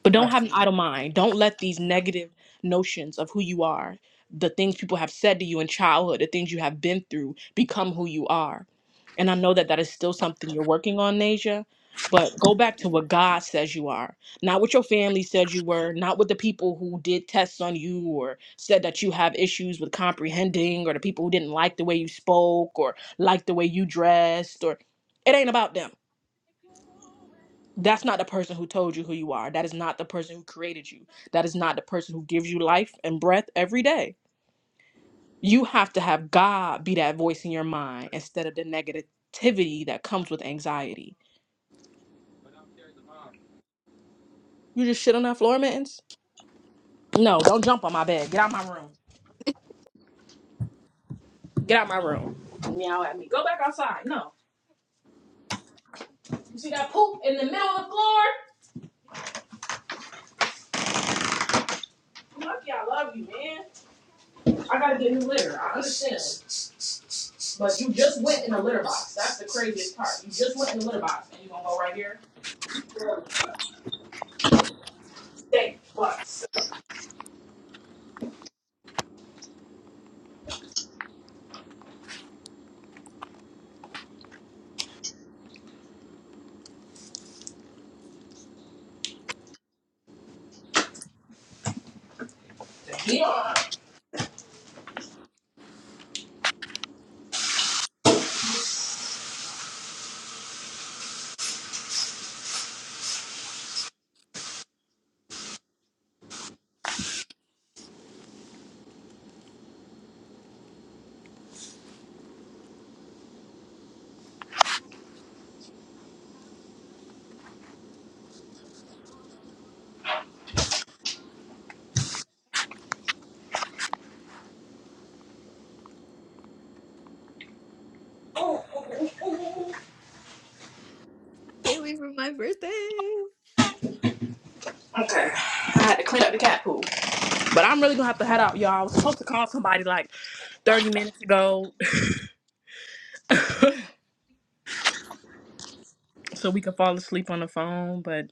Speaker 1: But don't have an idle mind. Don't let these negative notions of who you are, the things people have said to you in childhood, the things you have been through, become who you are. And I know that that is still something you're working on, Nasia. But go back to what God says you are, not what your family said you were, not what the people who did tests on you or said that you have issues with comprehending, or the people who didn't like the way you spoke or like the way you dressed, or it ain't about them that's not the person who told you who you are. That is not the person who created you. That is not the person who gives you life and breath every day. You have to have God be that voice in your mind instead of the negativity that comes with anxiety. You just shit on that floor, mittens? No, don't jump on my bed. Get out my room. Get out my room. Meow at me. Go back outside. No. You see that poop in the middle of the floor? Lucky I love you, man. I gotta get new litter. I understand. But you just went in the litter box. That's the craziest part. You just went in the litter box and you gonna go right here?
Speaker 2: Can't wait for my birthday.
Speaker 1: But I'm really gonna have to head out, y'all. I was supposed to call somebody like 30 minutes ago so we could fall asleep on the phone, but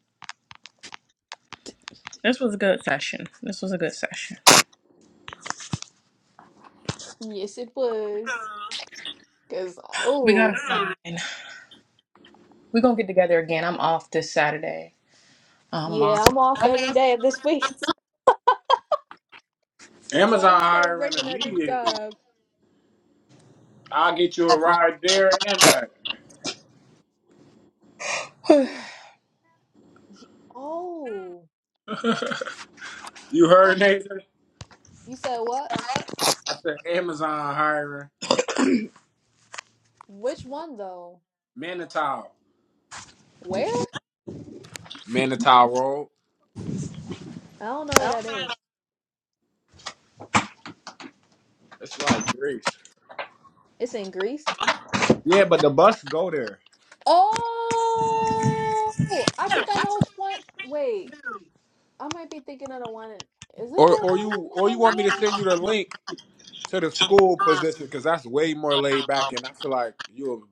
Speaker 1: this was a good session. This was a good session.
Speaker 2: Yes, it was. Cause
Speaker 1: We gotta
Speaker 2: oh
Speaker 1: find. We're gonna get together again. I'm off this Saturday. Um, I'm
Speaker 2: yeah, I'm
Speaker 1: off.
Speaker 2: off every day of this week until I
Speaker 3: Amazon
Speaker 2: start
Speaker 3: hiring
Speaker 2: working at this
Speaker 3: immediately.
Speaker 2: job.
Speaker 3: I'll get you a ride there and back.
Speaker 2: Ye- Oh,
Speaker 3: you heard, Nathan?
Speaker 2: you said what?
Speaker 3: I said Amazon hiring.
Speaker 2: Which one though?
Speaker 3: Manitow.
Speaker 2: Where?
Speaker 3: Manitow Road.
Speaker 2: I don't know where that is.
Speaker 3: It's like Greece.
Speaker 2: It's in Greece.
Speaker 3: Yeah, but the bus go there.
Speaker 2: Oh, I think I know which one. Wait, I might be thinking of the one in. Isn't
Speaker 3: Or
Speaker 2: there
Speaker 3: or you
Speaker 2: one in
Speaker 3: or you want me to
Speaker 2: Henrietta?
Speaker 3: send you the link to the school position because that's way more laid back, and I feel like you'll